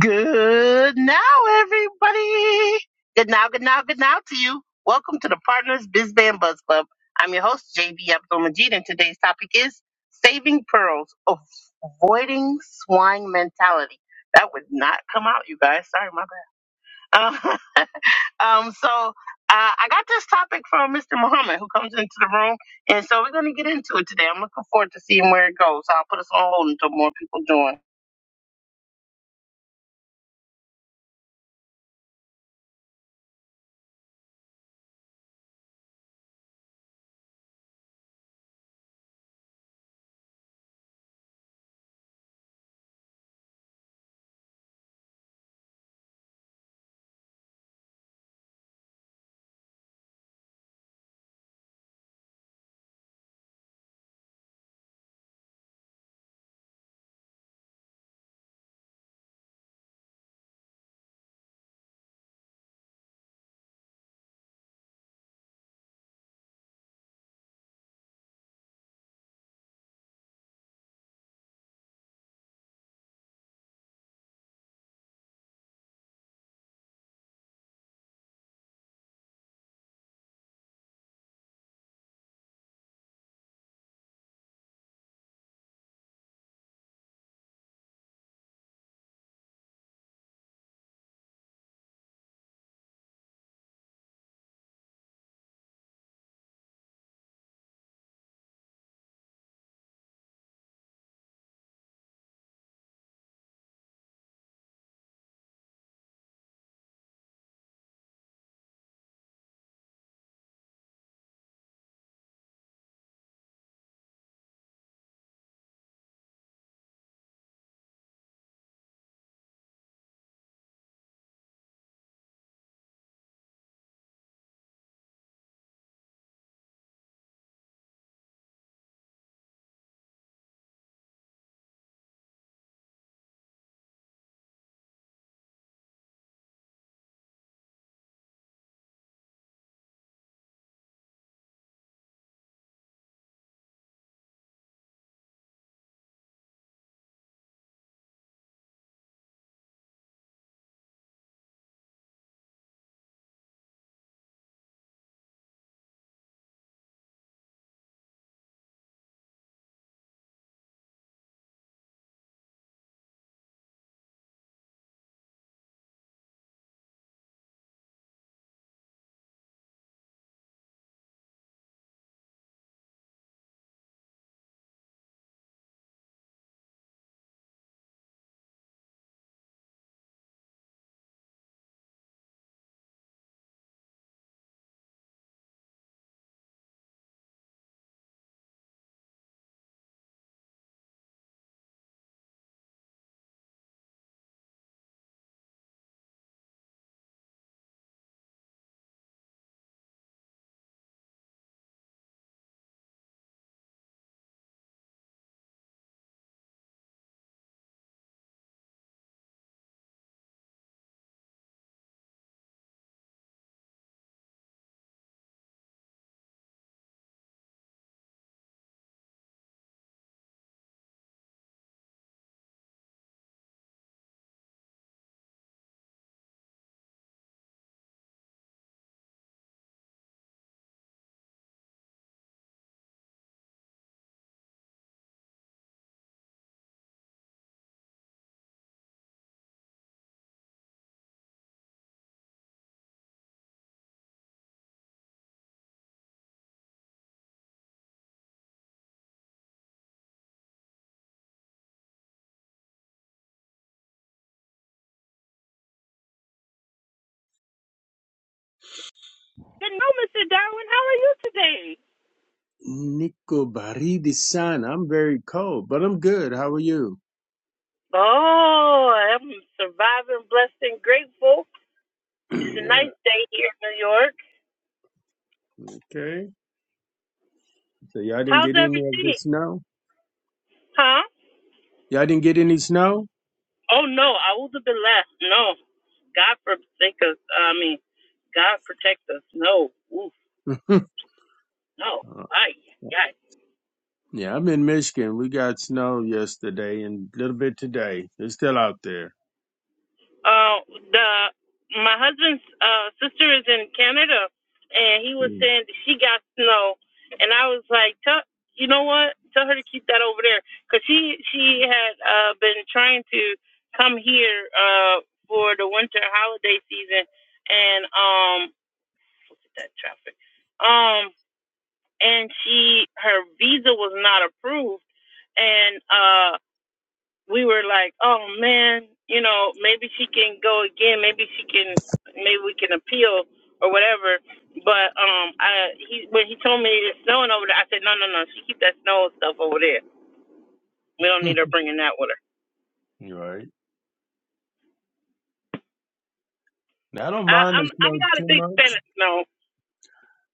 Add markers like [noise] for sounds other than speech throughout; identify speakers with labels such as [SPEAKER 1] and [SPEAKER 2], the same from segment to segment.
[SPEAKER 1] Good now, everybody. Good now, good now, good now to you. Welcome to the Partners Biz Band Buzz Club. I'm your host, JB Abdul Majid, and today's topic is saving pearls, avoiding swine mentality. That would not come out, you guys. Sorry, my bad. Uh, [laughs] um, so uh, I got this topic from Mr. Muhammad, who comes into the room, and so we're going to get into it today. I'm looking forward to seeing where it goes. So I'll put us on hold until more people join.
[SPEAKER 2] Nico Baridi San. I'm very cold, but I'm good. How are you?
[SPEAKER 1] Oh, I'm surviving, blessed, and grateful.
[SPEAKER 2] [clears throat]
[SPEAKER 1] It's a
[SPEAKER 2] yeah.
[SPEAKER 1] nice day here in New York.
[SPEAKER 2] Okay. So y'all didn't
[SPEAKER 1] How's
[SPEAKER 2] get any of the
[SPEAKER 1] everything?
[SPEAKER 2] snow?
[SPEAKER 1] Huh?
[SPEAKER 2] Y'all didn't get any snow?
[SPEAKER 1] Oh no, I would have been left. No, God forsake us. I mean, God protect us. No, Oof,
[SPEAKER 2] [laughs]
[SPEAKER 1] no.
[SPEAKER 2] Uh,
[SPEAKER 1] Ay, ay,
[SPEAKER 2] yeah, I'm in Michigan. We got snow yesterday and a little bit today. It's still out there.
[SPEAKER 1] Uh, the my husband's uh, sister is in Canada, and he was
[SPEAKER 2] Mm.
[SPEAKER 1] saying that she got snow, and I was like, tell you know what, tell her to keep that over there, cause she she had uh, been trying to come here uh, for the winter holiday season, and um, look at that traffic, um, and she her visa was not approved, and uh we were like, oh man, you know, maybe she can go again. Maybe she can, maybe we can appeal or whatever. But um, I he when he told me it's snowing over there, I said, no, no, no, she keep that snow stuff over there. We don't need
[SPEAKER 2] [laughs]
[SPEAKER 1] her bringing that with her.
[SPEAKER 2] You right. Now, I don't
[SPEAKER 1] I,
[SPEAKER 2] mind the
[SPEAKER 1] I'm I'm
[SPEAKER 2] snow
[SPEAKER 1] not
[SPEAKER 2] too
[SPEAKER 1] a big fan
[SPEAKER 2] much.
[SPEAKER 1] of snow.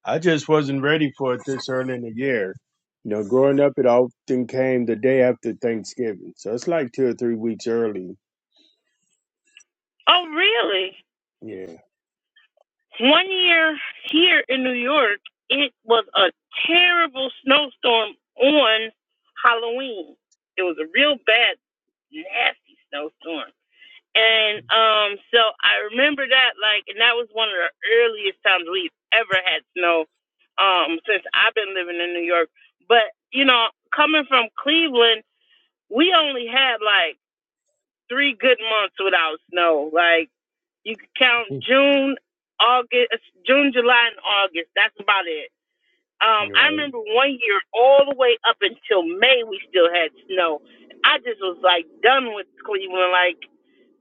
[SPEAKER 2] I just wasn't ready for it this early in the year. You know, growing up, it often came the day after Thanksgiving, so it's like two or three weeks early.
[SPEAKER 1] Oh really?
[SPEAKER 2] Yeah,
[SPEAKER 1] One year here in New York, it was a terrible snowstorm on Halloween. It was a real bad, nasty snowstorm And um, so I remember that like, and that was one of the earliest times we've ever had snow, um, since I've been living in New York. But you know, coming from Cleveland, we only had like three good months without snow. Like you could count
[SPEAKER 2] [laughs] Right.
[SPEAKER 1] June, August, uh, June, July, and August. That's about it. Um, I remember one year all the way up until May, we still had snow. I just was like done with Cleveland. Like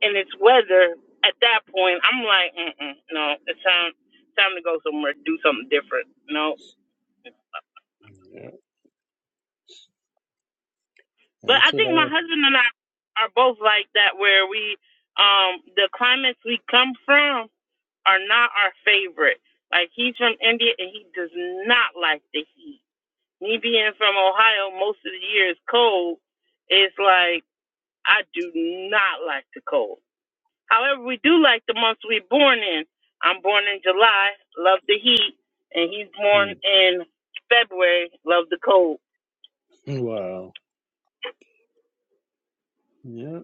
[SPEAKER 1] and it's weather. At that point, I'm like, Mm-mm, no, it's time time to go somewhere, do something different. No, but I
[SPEAKER 2] That's what
[SPEAKER 1] think my
[SPEAKER 2] I.
[SPEAKER 1] husband and I are both like that, where we um the climates we come from are not our favorite. Like he's from India and he does not like the heat. Me being from Ohio, most of the year is cold. It's like I do not like the cold. However, we do like the months we're born in. I'm born in July, love the heat, and he's born
[SPEAKER 2] Hmm. [laughs]
[SPEAKER 1] in February, love the cold.
[SPEAKER 2] Wow. Yeah,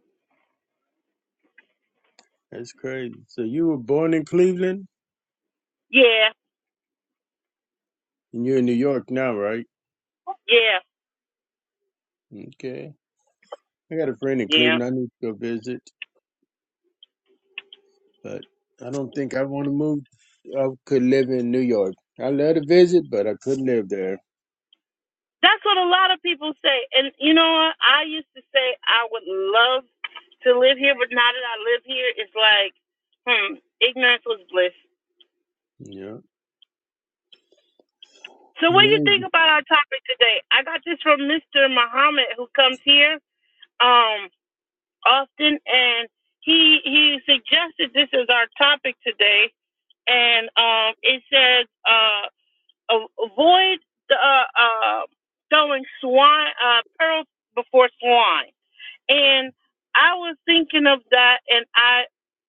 [SPEAKER 2] that's crazy. So you were born in Cleveland,
[SPEAKER 1] Yeah,
[SPEAKER 2] and you're in New York now, right?
[SPEAKER 1] yeah,
[SPEAKER 2] Okay. I got a friend in
[SPEAKER 1] yeah.
[SPEAKER 2] Cleveland. I need to go visit, but I don't think I want to move. I could live in New York. I love to visit, but I couldn't live there.
[SPEAKER 1] That's what a lot of people say. And you know what? I used to say I would love to live here, but now that I live here, it's like, hmm, ignorance was bliss.
[SPEAKER 2] Yeah.
[SPEAKER 1] So
[SPEAKER 2] I
[SPEAKER 1] what do you think
[SPEAKER 2] mean,
[SPEAKER 1] about our topic today? I got this from Mr. Muhammad who comes here. Um. Often, and he he suggested this is our topic today, and um, it says uh, avoid the, uh, uh, throwing swine uh, pearls before swine, and I was thinking of that, and I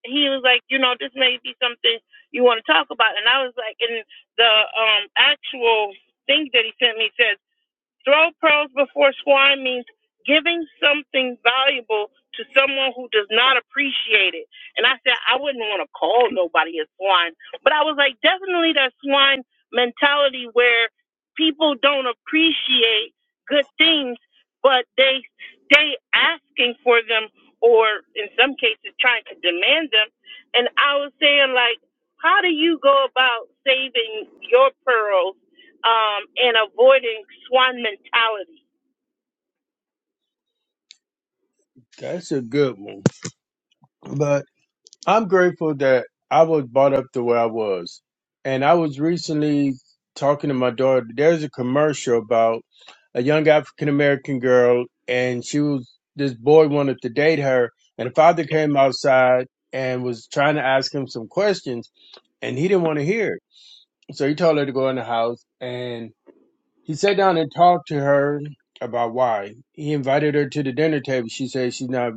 [SPEAKER 1] he was like, you know, this may be something you want to talk about, and I was like, and the um, actual thing that he sent me says Throw pearls before swine means giving something valuable to someone who does not appreciate it. And I said, I wouldn't want to call nobody a swine, but I was like, definitely that swine mentality where people don't appreciate good things, but they stay asking for them or in some cases trying to demand them. And I was saying, like, how do you go about saving your pearls? um, and avoiding swan mentality.
[SPEAKER 2] That's a good one. But I'm grateful that I was brought up the way I was. And I was recently talking to my daughter. There's a commercial about a young African American girl, and she was, this boy wanted to date her. And the father came outside and was trying to ask him some questions, and he didn't want to hear it. So he told her to go in the house, and he sat down and talked to her about why. He invited her to the dinner table. She said she's not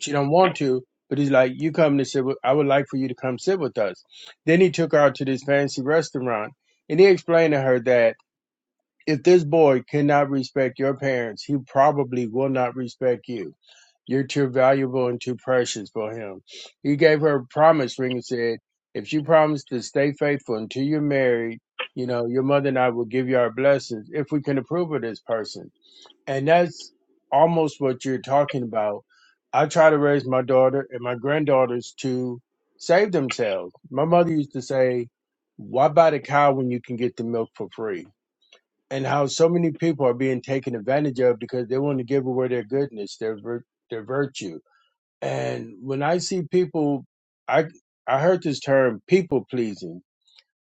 [SPEAKER 2] she don't want to but he's like you come to sit with i would like for you to come sit with us then he took her out to this fancy restaurant and he explained to her that if this boy cannot respect your parents he probably will not respect you you're too valuable and too precious for him he gave her a promise ring and said if you promise to stay faithful until you're married you know your mother and i will give you our blessings if we can approve of this person and that's almost what you're talking about. I try to raise my daughter and my granddaughters to save themselves. My mother used to say, "Why buy the cow when you can get the milk for free?" And how so many people are being taken advantage of because they want to give away their goodness, their vir- their virtue. And when I see people, I I heard this term "people pleasing."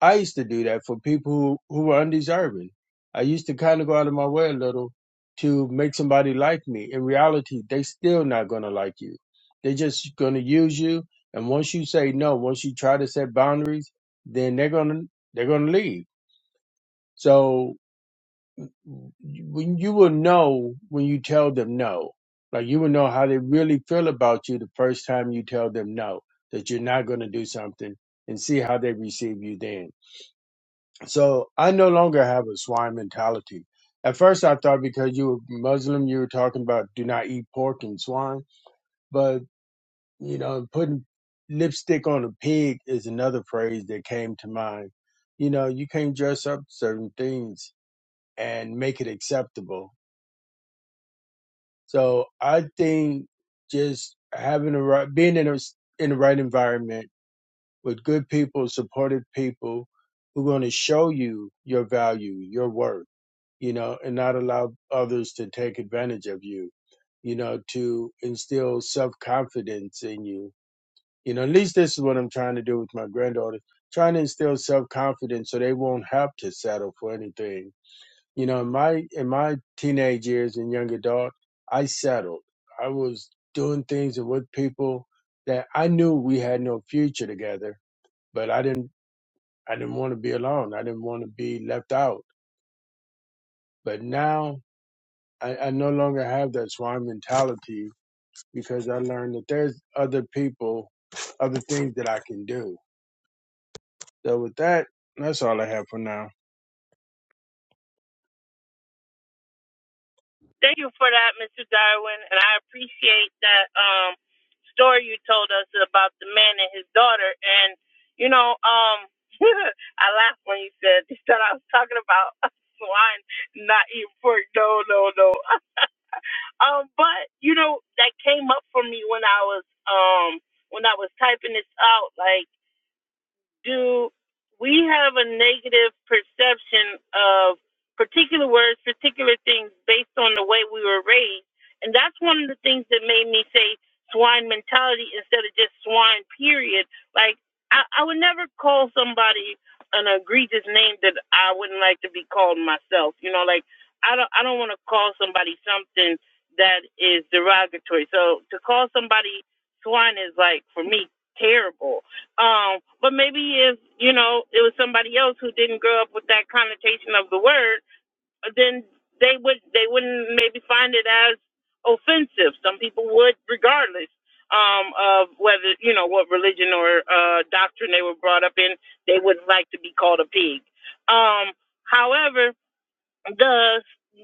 [SPEAKER 2] I used to do that for people who, who were undeserving. I used to kind of go out of my way a little to make somebody like me. In reality, they still not going to like you. They're just going to use you. And once you say no, once you try to set boundaries, then they're going to, they're going to leave. So when you will know when you tell them no, like you will know how they really feel about you the first time you tell them no, that you're not going to do something and see how they receive you then so I no longer have a swine mentality. At first, I thought because you were Muslim, you were talking about do not eat pork and swine. But, you know, putting lipstick on a pig is another phrase that came to mind. You know, you can't dress up certain things and make it acceptable. So I think just having a right, being in a, s- in the right environment with good people, supportive people who are going to show you your value, your worth you know, and not allow others to take advantage of you, you know, to instill self confidence in you. You know, at least this is what I'm trying to do with my granddaughter, trying to instill self confidence so they won't have to settle for anything. You know, in my in my teenage years and young adult, I settled. I was doing things and with people that I knew we had no future together, but I didn't I didn't want to be alone. I didn't want to be left out. But now I, I no longer have that swan mentality because I learned that there's other people, other things that I can do. So with that, that's all I have for now.
[SPEAKER 1] Thank you for that, Mr. Darwin, and I appreciate that um, story you told us about the man and his daughter. And you know, um, [laughs] I laughed when you said [laughs] that I was talking about a swan not eating pork. No, no, no. Um, but you know, that came up for me when I was um when I was typing this out, like. do we have a negative perception of particular words, particular things based on the way we were raised? And that's one of the things that made me say swine mentality instead of just swine, period. Like, I, I would never call somebody an egregious name that I wouldn't like to be called myself. You know, like, I don't, I don't want to call somebody something that is derogatory. So to call somebody swine is like, for me, terrible um, but maybe if, you know, it was somebody else who didn't grow up with that connotation of the word, then they would they wouldn't maybe find it as offensive. Some people would regardless um of whether, you know, what religion or uh doctrine they were brought up in, they would like to be called a pig. Um, however, the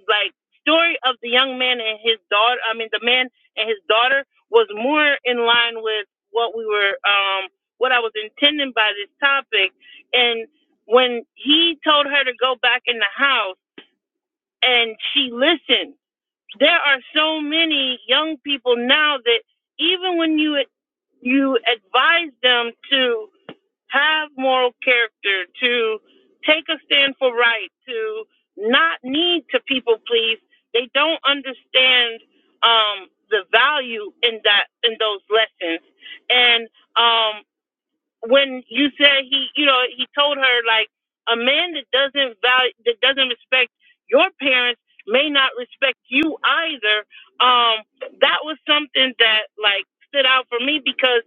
[SPEAKER 1] like story of the young man and his daughter i mean the man and his daughter was more in line with what we were um what i was intending by this topic and when he told her to go back in the house and she listened there are so many young people now that even when you you advise them to have moral character, to take a stand for right, to not need to people please. They don't understand um, the value in that in those lessons, and um, when you said he, you know, he told her like a man that doesn't value, that doesn't respect your parents may not respect you either. Um, that was something that like stood out for me because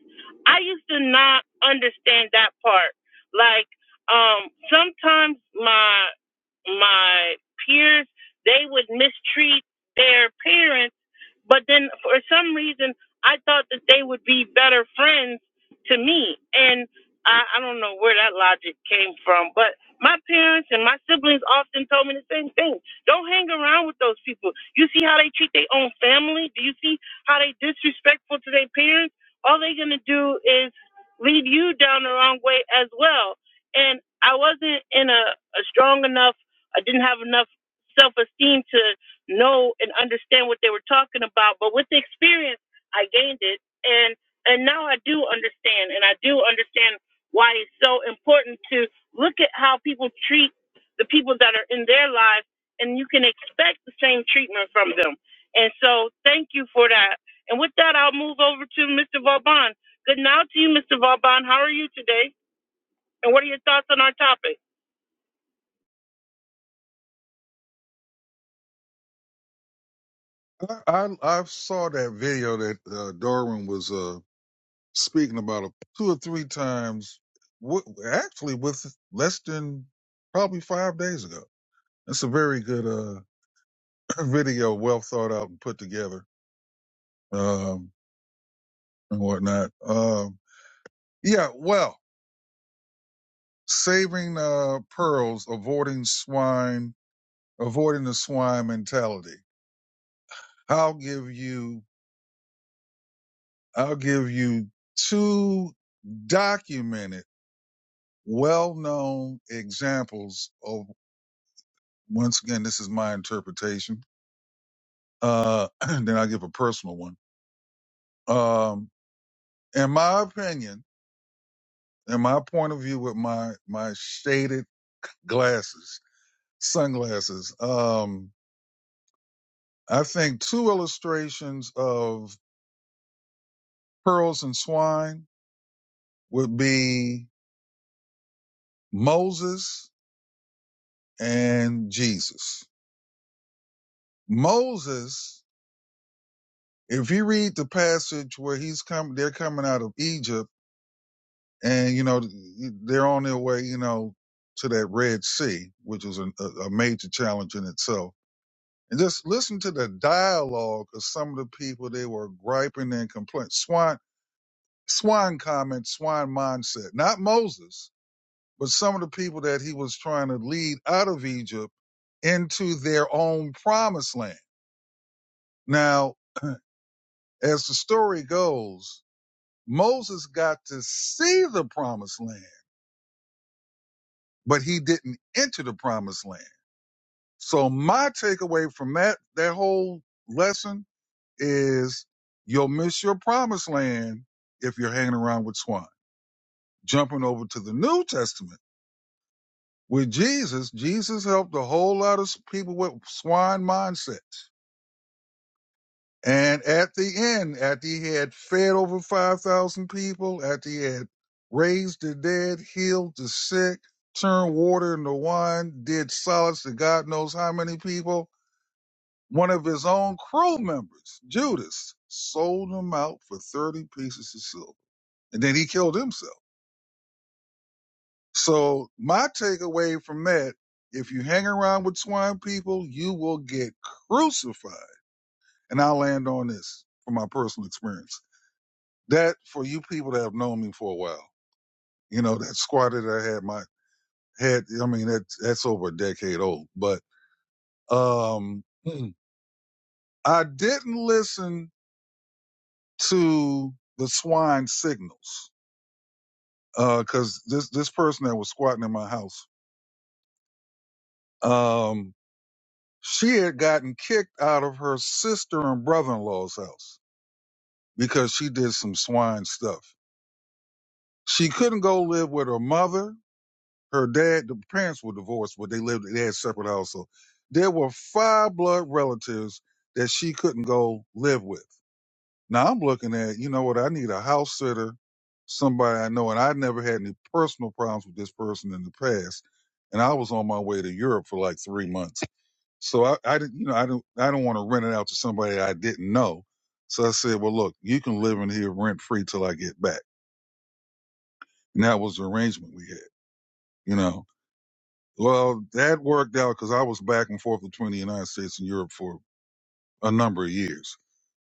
[SPEAKER 1] I used to not understand that part. Like, um, sometimes my my peers they would mistreat their parents, but then for some reason I thought that they would be better friends to me. And I, I don't know where that logic came from, but my parents and my siblings often told me the same thing. Don't hang around with those people. You see how they treat their own family? Do you see how they disrespectful to their parents? All they're gonna do is lead you down the wrong way as well. And I wasn't in a, a strong enough I didn't have enough self esteem to know and understand what they were talking about, but with the experience I gained it and now I do understand, and I do understand why it's so important to look at how people treat the people that are in their lives, and you can expect the same treatment from them. And so, thank you for that. And with that, I'll move over to Mr. Vauban. Good now to you, Mr. Vauban. How are you today? And what are your thoughts on our topic?
[SPEAKER 3] I I I saw that video that uh, Darwin was uh, speaking about a, two or three times. W- actually, with less than probably five days ago. It's a very good uh, [clears throat] video, well thought out and put together um, and whatnot. Um, yeah, well, saving uh, pearls, avoiding swine, avoiding the swine mentality. I'll give you. I'll give you two documented well known examples of, once again, this is my interpretation. Uh, [clears throat] then I'll give a personal one. Um, in my opinion, in my point of view with my, my shaded glasses, sunglasses, um, I think two illustrations of pearls and swine would be Moses and Jesus. Moses, if you read the passage where he's come, they're coming out of Egypt and you know they're on their way you know to that red sea which was a, a major challenge in itself and just listen to the dialogue of some of the people they were griping and complaining swine, swine comment swine mindset not moses but some of the people that he was trying to lead out of egypt into their own promised land now as the story goes moses got to see the promised land but he didn't enter the promised land So my takeaway from that that whole lesson is you'll miss your promised land if you're hanging around with swine. Jumping over to the New Testament with Jesus, Jesus helped a whole lot of people with swine mindsets. And at the end, after he had fed over 5,000 people, after he had raised the dead, healed the sick, turned water into wine, did solace to God knows how many people, One of his own crew members, Judas, sold him out for 30 pieces of silver. And then he killed himself. So my takeaway from that, if you hang around with swine people, you will get crucified. And I'll land on this from my personal experience. That for you people that have known me for a while, you know, that squatter that I had my head I mean, that that's over a decade old, but, um, [clears throat] I didn't listen to the swine signals. Uh, because this this person that was squatting in my house, um, she had gotten kicked out of her sister and brother in law's house because she did some swine stuff. She couldn't go live with her mother. Her dad, the parents were divorced, but they lived they had separate houses. So there were five blood relatives that she couldn't go live with. Now I'm looking at, you know what, I need a house sitter, somebody I know, and I never had any personal problems with this person in the past. And I was on my way to Europe for like three months. So I, I didn't, you know, I don't, I don't want to rent it out to somebody I didn't know. So I said, well, look, you can live in here rent free till I get back. And that was the arrangement we had, you know. Well, that worked out because I was back and forth between the United States and Europe for a number of years.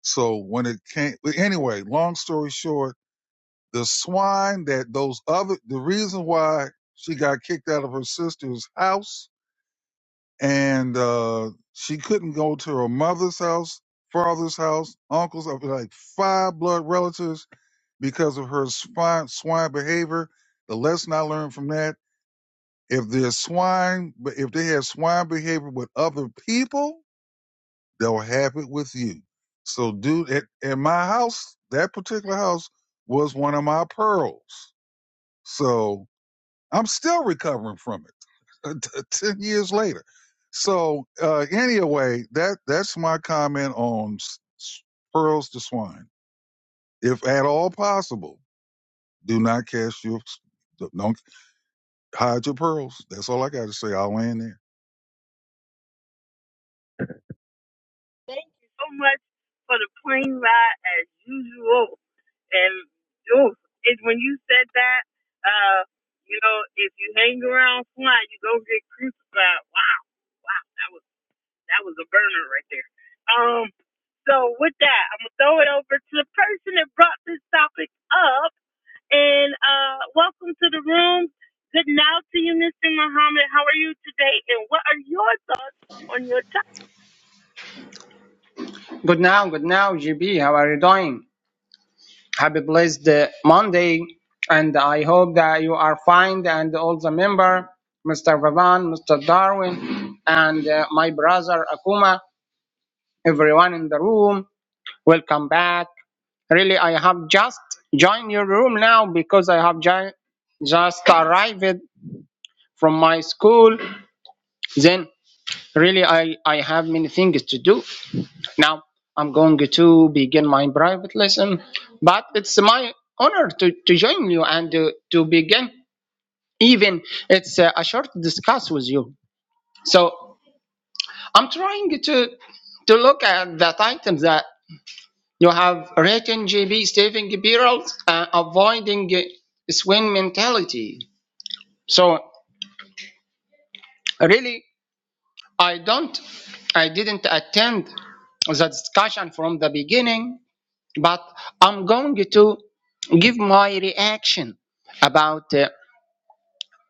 [SPEAKER 3] So when it came, anyway, long story short, the swine that those other the reason why she got kicked out of her sister's house and uh she couldn't go to her mother's house father's house uncle's of like five blood relatives because of her swine swine behavior the lesson i learned from that if there's swine but if they have swine behavior with other people they'll have it with you so dude at, at my house that particular house was one of my pearls so I'm still recovering from it [laughs] 10 years later. So, uh, anyway, that, that's my comment on s- s- pearls to swine. If at all possible, do not cast your, don't hide your pearls. That's all I got to say. I'll land there.
[SPEAKER 1] Thank you so much for the plane ride as usual. And ooh, it, when you said that, uh, you know, if you hang around fly, you go get crucified. Wow, wow, that was that was a burner right there. Um, so with that, I'm gonna throw it over to the person that brought this topic up. And uh, welcome to the room. Good now to you, Mr. Muhammad. How are you today? And what are your thoughts on your topic?
[SPEAKER 4] Good now, good now, GB. How are you doing? Happy blessed uh, Monday, and I hope that you are fine. And all the member, Mr. Vavan, Mr. Darwin, and uh, my brother Akuma, everyone in the room, welcome back. Really, I have just joined your room now because I have jo- just arrived from my school. Then, really, I I have many things to do. Now I'm going to begin my private lesson, but it's my honor to, to join you and uh, to begin even it's uh, a short discuss with you. So I'm trying to to look at the items that you have written, GB saving Birrells, uh, avoiding uh, swing mentality. So really, I don't, I didn't attend the discussion from the beginning but I'm going to give my reaction about uh,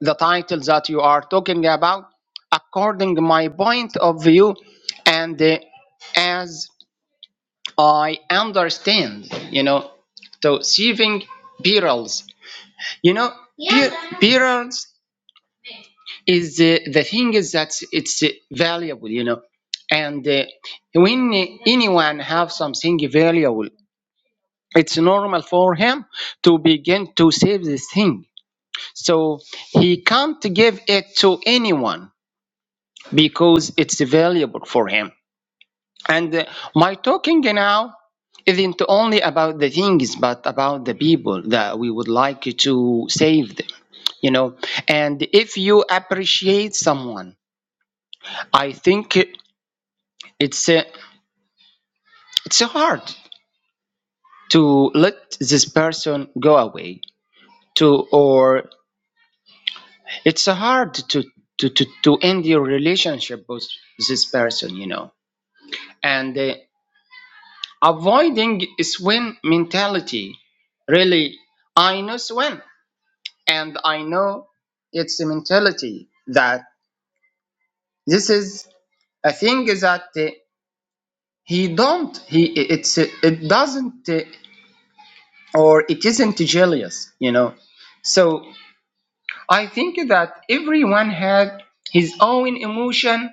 [SPEAKER 4] the title that you are talking about according to my point of view and uh, as I understand, you know, so saving perils. You know, per- perils is uh, the thing is that it's uh, valuable, you know, and uh, when anyone have something valuable it's normal for him to begin to save this thing. So he can't give it to anyone because it's valuable for him. And uh, my talking now isn't only about the things, but about the people that we would like to save them, you know. And if you appreciate someone, I think it's uh, it's hard to let this person go away to or it's uh, hard to to to to end your relationship with this person you know and uh, avoiding swim mentality really i know swim and i know it's a mentality that this is a thing that uh, he don't he it's uh, it doesn't uh, or it isn't jealous you know so i think that everyone has his own emotion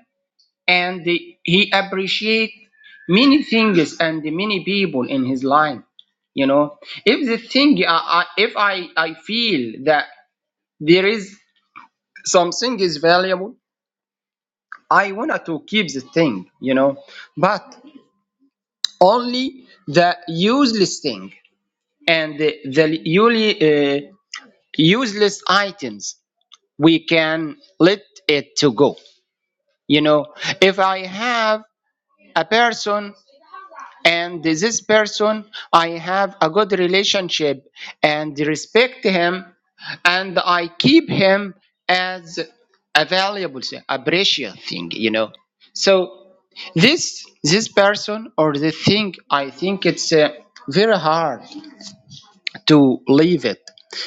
[SPEAKER 4] and he appreciate many things and many people in his life you know if the thing I, I, if i i feel that there is something is valuable i want to keep the thing you know but only the useless thing and the, the uli- uh, useless items we can let it to go you know if i have a person and this person I have a good relationship and respect him and I keep him as a valuable thing, a precious thing, you know. So this this person or the thing I think it's uh, very hard to leave it.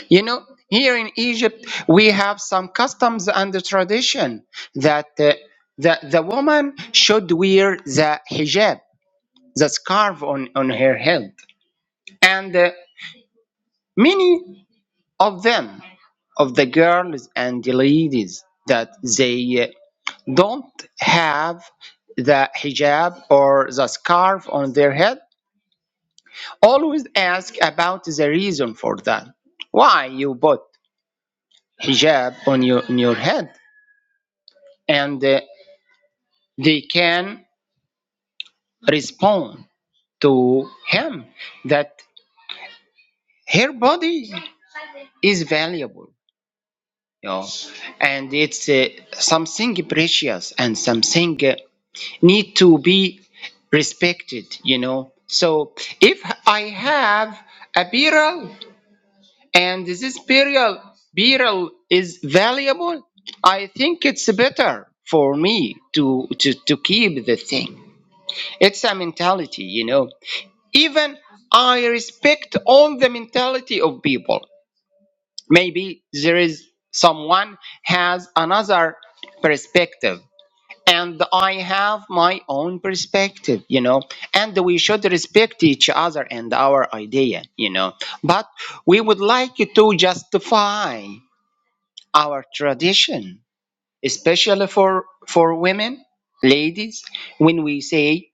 [SPEAKER 4] You know, here in Egypt we have some customs and the tradition that uh, the the woman should wear the hijab, the scarf on on her head and uh, many of them, of the girls and the ladies, that they uh, don't have the hijab or the scarf on their head, always ask about the reason for that. Why you put hijab on your, on your head? And uh, they can respond to him that her body is valuable you know, and it's uh, something precious and something uh, need to be respected you know so if i have a beryl and this beryl beryl is valuable i think it's better for me to to, to keep the thing it's a mentality you know even i respect all the mentality of people maybe there is someone has another perspective and i have my own perspective you know and we should respect each other and our idea you know but we would like to justify our tradition especially for for women ladies when we say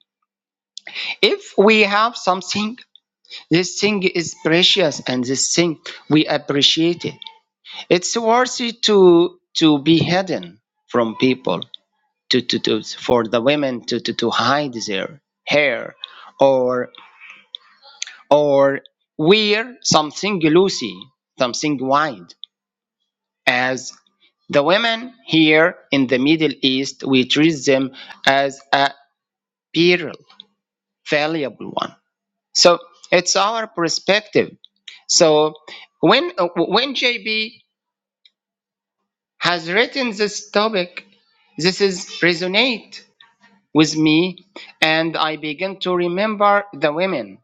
[SPEAKER 4] if we have something this thing is precious and this thing we appreciate it It's worthy to to be hidden from people, to, to, to for the women to, to, to hide their hair or or wear something loosey, something wide. As the women here in the Middle East, we treat them as a peril, valuable one. So it's our perspective. So when uh, when JB has written this topic. This is resonate with me, and I begin to remember the women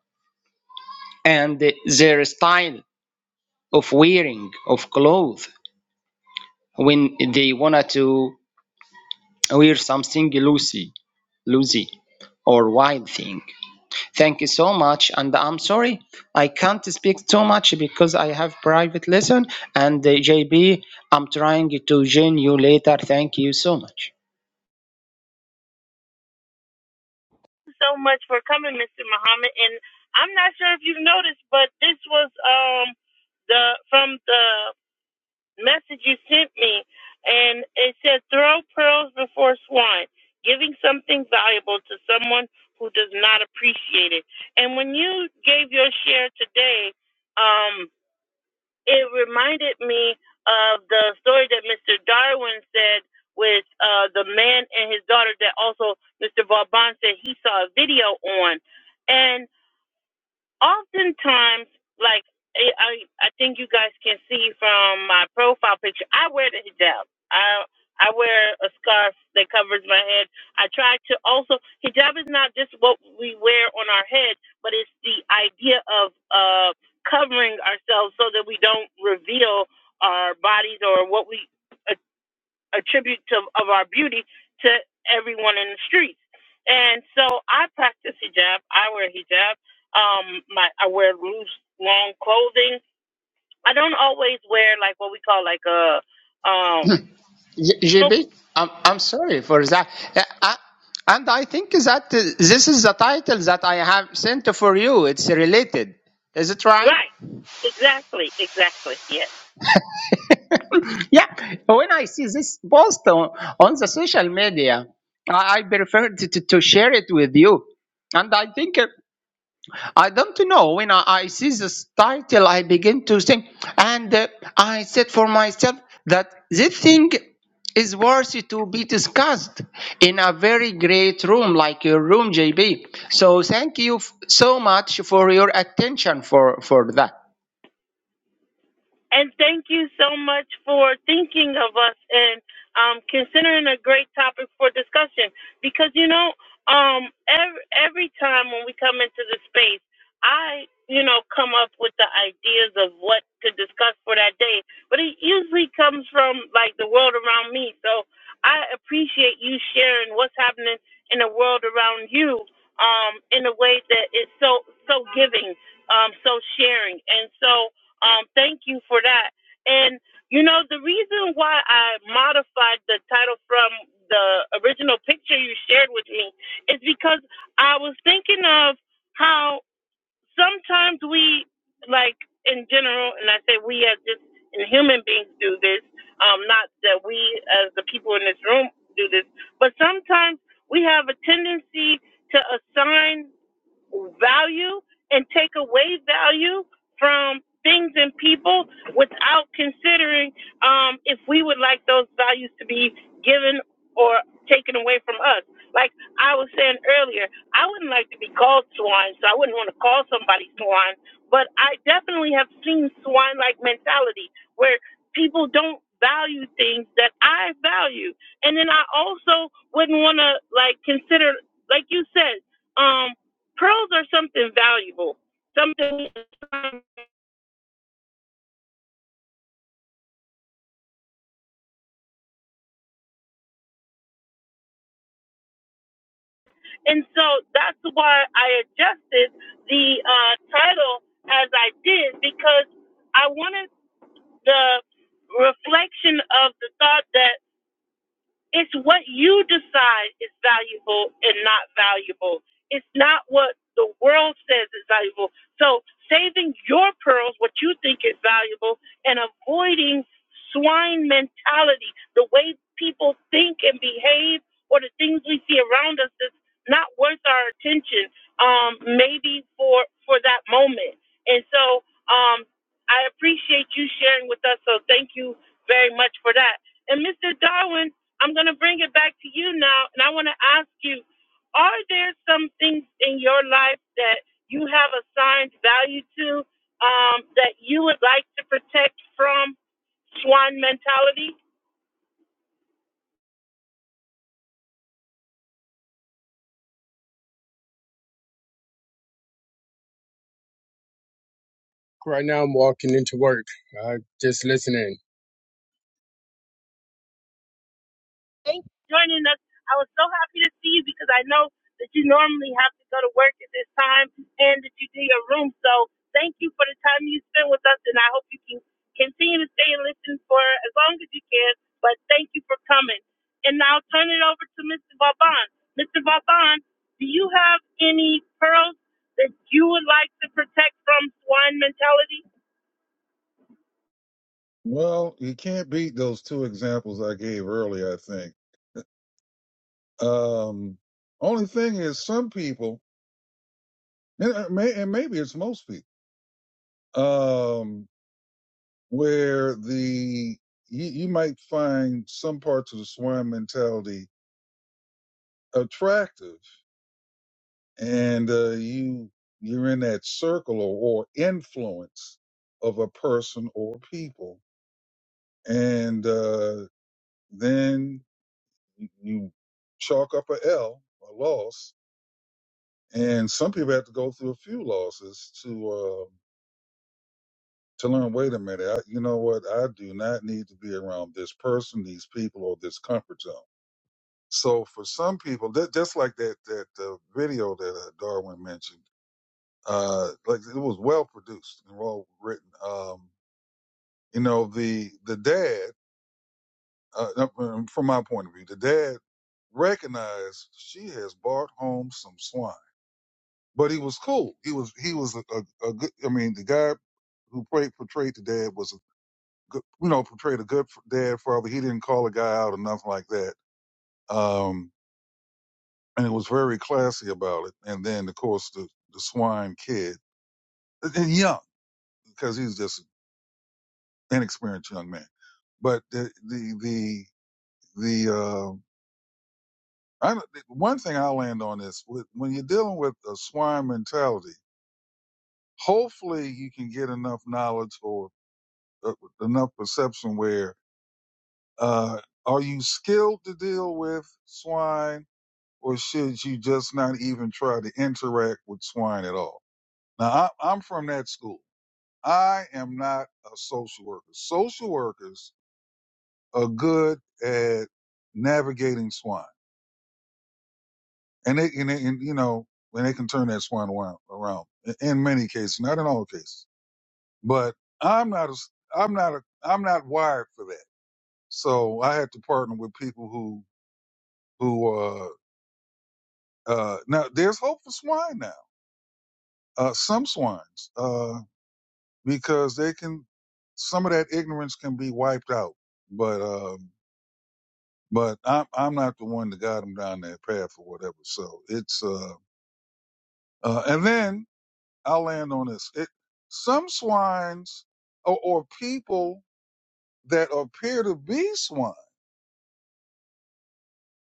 [SPEAKER 4] and their style of wearing of clothes when they wanted to wear something loosey, loosey, or wild thing. Thank you so much, and I'm sorry I can't speak too much because I have private lesson, and uh, JB, I'm trying to join you later. Thank you so much.
[SPEAKER 1] Thank you So much for coming, Mr. Muhammad. And I'm not sure if you noticed, but this was um the from the message you sent me, and it said, "Throw pearls before swine," giving something valuable to someone who does not appreciate it. And when you gave your share today, um, it reminded me of the story that Mr. Darwin said with uh, the man and his daughter that also Mr. Vauban said he saw a video on. And oftentimes, like I, I, think you guys can see from my profile picture, I wear the hijab. I I wear a scarf that covers my head. I try to also hijab is not just what we wear on our head, but it's the idea of uh covering ourselves so that we don't reveal our bodies or what we a tribute to, of our beauty to everyone in the streets. And so I practice hijab. I wear hijab. Um, my I wear loose, long clothing. I don't always wear like what we call like a um.
[SPEAKER 4] J-
[SPEAKER 1] no-
[SPEAKER 4] JB, I'm, I'm sorry for that. Uh, I- and I think that uh, this is the title that I have sent for you. It's related. Is it right?
[SPEAKER 1] Right. Exactly. Exactly. Yes.
[SPEAKER 4] [laughs] yeah. When I see this post on, on the social media, I, I prefer to, to, to share it with you. And I think I don't know. When I, I see this title, I begin to think, and uh, I said for myself that this thing is worthy to be discussed in a very great room like your room, JB. So thank you f- so much for your attention for for that.
[SPEAKER 1] And thank you so much for thinking of us and um, considering a great topic for discussion. Because you know, um, every, every time when we come into the space, I you know come up with the ideas of what to discuss for that day, but it usually comes from like the world around me. So I appreciate you sharing what's happening in the world around you um, in a way that is so so giving, um, so sharing, and so. Um, thank you for that. And you know, the reason why I modified the title from the original picture you shared with me is because I was thinking of how sometimes we, like in general, and I say we as just in human beings do this, um, not that we as the people in this room do this, but sometimes we have a tendency to assign value and take away value from things and people without considering um, if we would like those values to be given or taken away from us. Like I was saying earlier, I wouldn't like to be called swine, so I wouldn't want to call somebody swine, but I definitely have seen swine like mentality where people don't value things that I value. And then I also wouldn't want to like consider like you said um, pearls are something valuable, something. And so that's why I adjusted the uh, title as I did because I wanted the reflection of the thought that It's what you decide is valuable and not valuable. It's not what the world says is valuable. So saving your pearls, what you think is valuable, and avoiding swine mentality, the way people think and behave, or the things we see around us that's not worth our attention, um, maybe for for that moment. And so um, I appreciate you sharing with us. So thank you very much for that. And Mr. Darwin, I'm going to bring it back to you now, and I want to ask you: Are there some things in your life that you have assigned value to um, that you would like to protect from swan mentality?
[SPEAKER 2] Right now, I'm walking into work. I just listening.
[SPEAKER 1] Thanks for joining us. I was so happy to see you because I know that you normally have to go to work at this time and that you do your room. So thank you for the time you spent with us, and I hope you can continue to stay and listen for as long as you can. But thank you for coming. And now turn it over to Mr. Vauban. Mr. Vauban, do you have any pearls that you would like to protect from swine mentality?
[SPEAKER 3] Well, you can't beat those two examples I gave earlier, I think. Um, only thing is, some people, and, uh, may, and maybe it's most people, um, where the you, you might find some parts of the swine mentality attractive and uh, you you're in that circle or, or influence of a person or people and uh, then you you chalk up a L, a loss and some people have to go through a few losses to uh, to learn wait a minute I, you know what i do not need to be around this person these people or this comfort zone So for some people, ju- just like that that uh, video that uh, Darwin mentioned, uh, like it was well produced and well written. Um, you know, the the dad, uh, no, um, from my point of view, the dad recognized she has brought home some swine, but he was cool. He was he was a, a, a good. I mean, the guy who played portrayed the dad was a good, you know portrayed a good f- dad father. He didn't call a guy out or nothing like that. Um, and it was very classy about it. And then, of course, the, the swine kid, and young, because he was just an inexperienced young man. But the the the, the uh, I, one thing I'll land on is with, when you're dealing with a swine mentality, hopefully you can get enough knowledge or uh, enough perception where uh, are you skilled to deal with swine, or should you just not even try to interact with swine at all? Now I, I'm from that school. I am not a social worker. Social workers are good at navigating swine, and they and, they, and you know and they can turn that swine around, around in in many cases, not in all cases. But I'm not a s- I'm not a I'm not wired for that. So I had to partner with people who who uh uh now there's hope for swine now. Uh, some swines uh because they can some of that ignorance can be wiped out, but. um but I'm I'm not the one that got him down that path or whatever. So it's uh, uh and then I'll land on this. It some swines or, or people that appear to be swine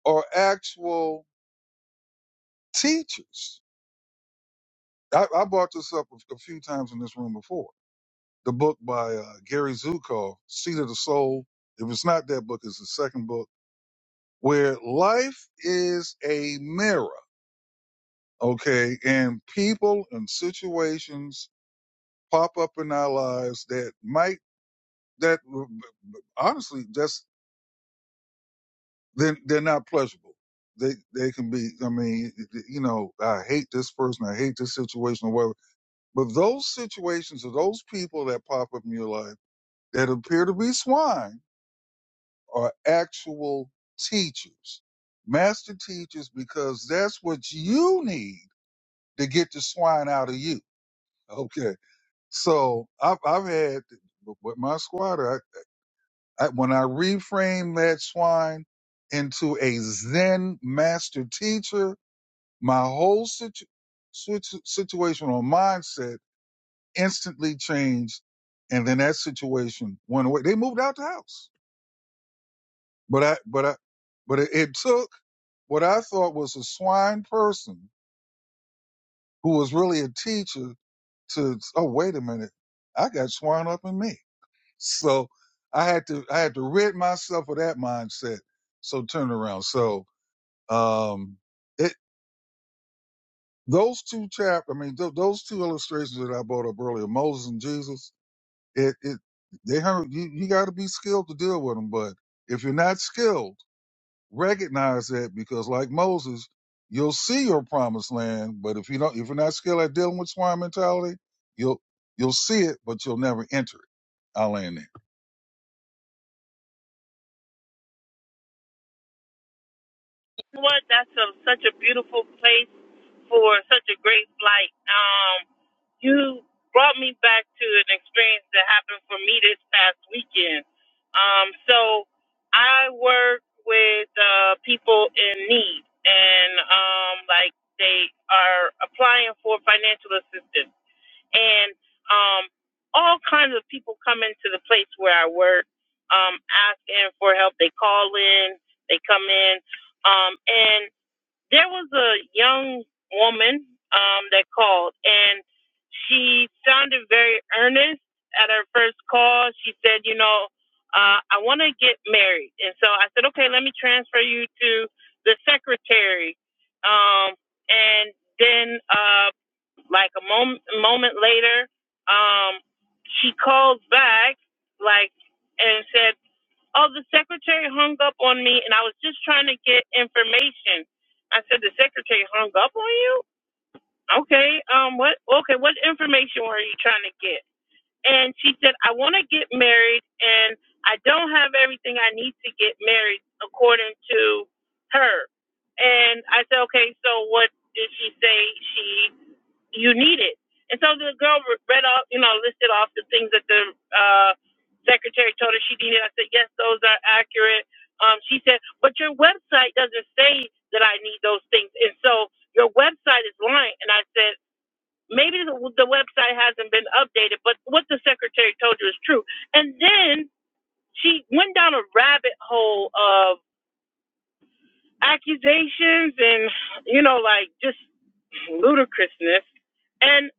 [SPEAKER 3] are actual teachers. I, I brought this up a, a few times in this room before. The book by uh, Gary Zukov, Seed of the Soul. If it's not that book, it's the second book where life is a mirror. Okay, and people and situations pop up in our lives that might that honestly that's they're, they're not pleasurable. They they can be. I mean, you know, I hate this person. I hate this situation or whatever. But those situations or those people that pop up in your life that appear to be swine are actual teachers, master teachers, because that's what you need to get the swine out of you. Okay. So I've I've had with my squatter. I, when I reframed that swine into a Zen master teacher, my whole situ- situ- situational mindset instantly changed, and then that situation went away. They moved out the house, but I, but I, but it, it took what I thought was a swine person who was really a teacher to. Oh, wait a minute, I got swine up in me, so I had to, I had to rid myself of that mindset. So turn around. So Um, it those two chap, I mean, th- those two illustrations that I brought up earlier, Moses and Jesus, it it they have, you you got to be skilled to deal with them. But if you're not skilled, recognize that because like Moses, you'll see your promised land. But if you don't, if you're not skilled at dealing with swine mentality, you'll you'll see it, but you'll never enter it. I'll land there.
[SPEAKER 1] know what? That's a, such a beautiful place for such a great flight. Um, you brought me back to an experience that happened for me this past weekend. Um, so I work with uh, people in need, and um, like they are applying for financial assistance and um, all kinds of people come into the place where I work, um, asking for help. They call in, they come in, um, and there was a young woman um, that called, and she sounded very earnest at her first call. She said, "You know, uh, I want to get married," and so I said, "Okay, let me transfer you to the secretary." Um, and then um, like a moment, moment later, um, she called back, like, and said, "Oh, the secretary hung up on me, and I was just trying to get information." I said, "The secretary hung up on you? Okay. Um, what? Okay, what information were you trying to get?" and she said, I want to get married, and I don't have everything I need to get married according to her. And I said, okay, so what did she say she you needed? And so the girl read off, you know, listed off the things that the uh, secretary told her she needed. I said, yes, those are accurate. Um, she said, but your website doesn't say that I need those things, and so your website is lying. And I said maybe the, the website hasn't been updated, but what the secretary told you is true. And then she went down a rabbit hole of accusations and, you know, like just ludicrousness. And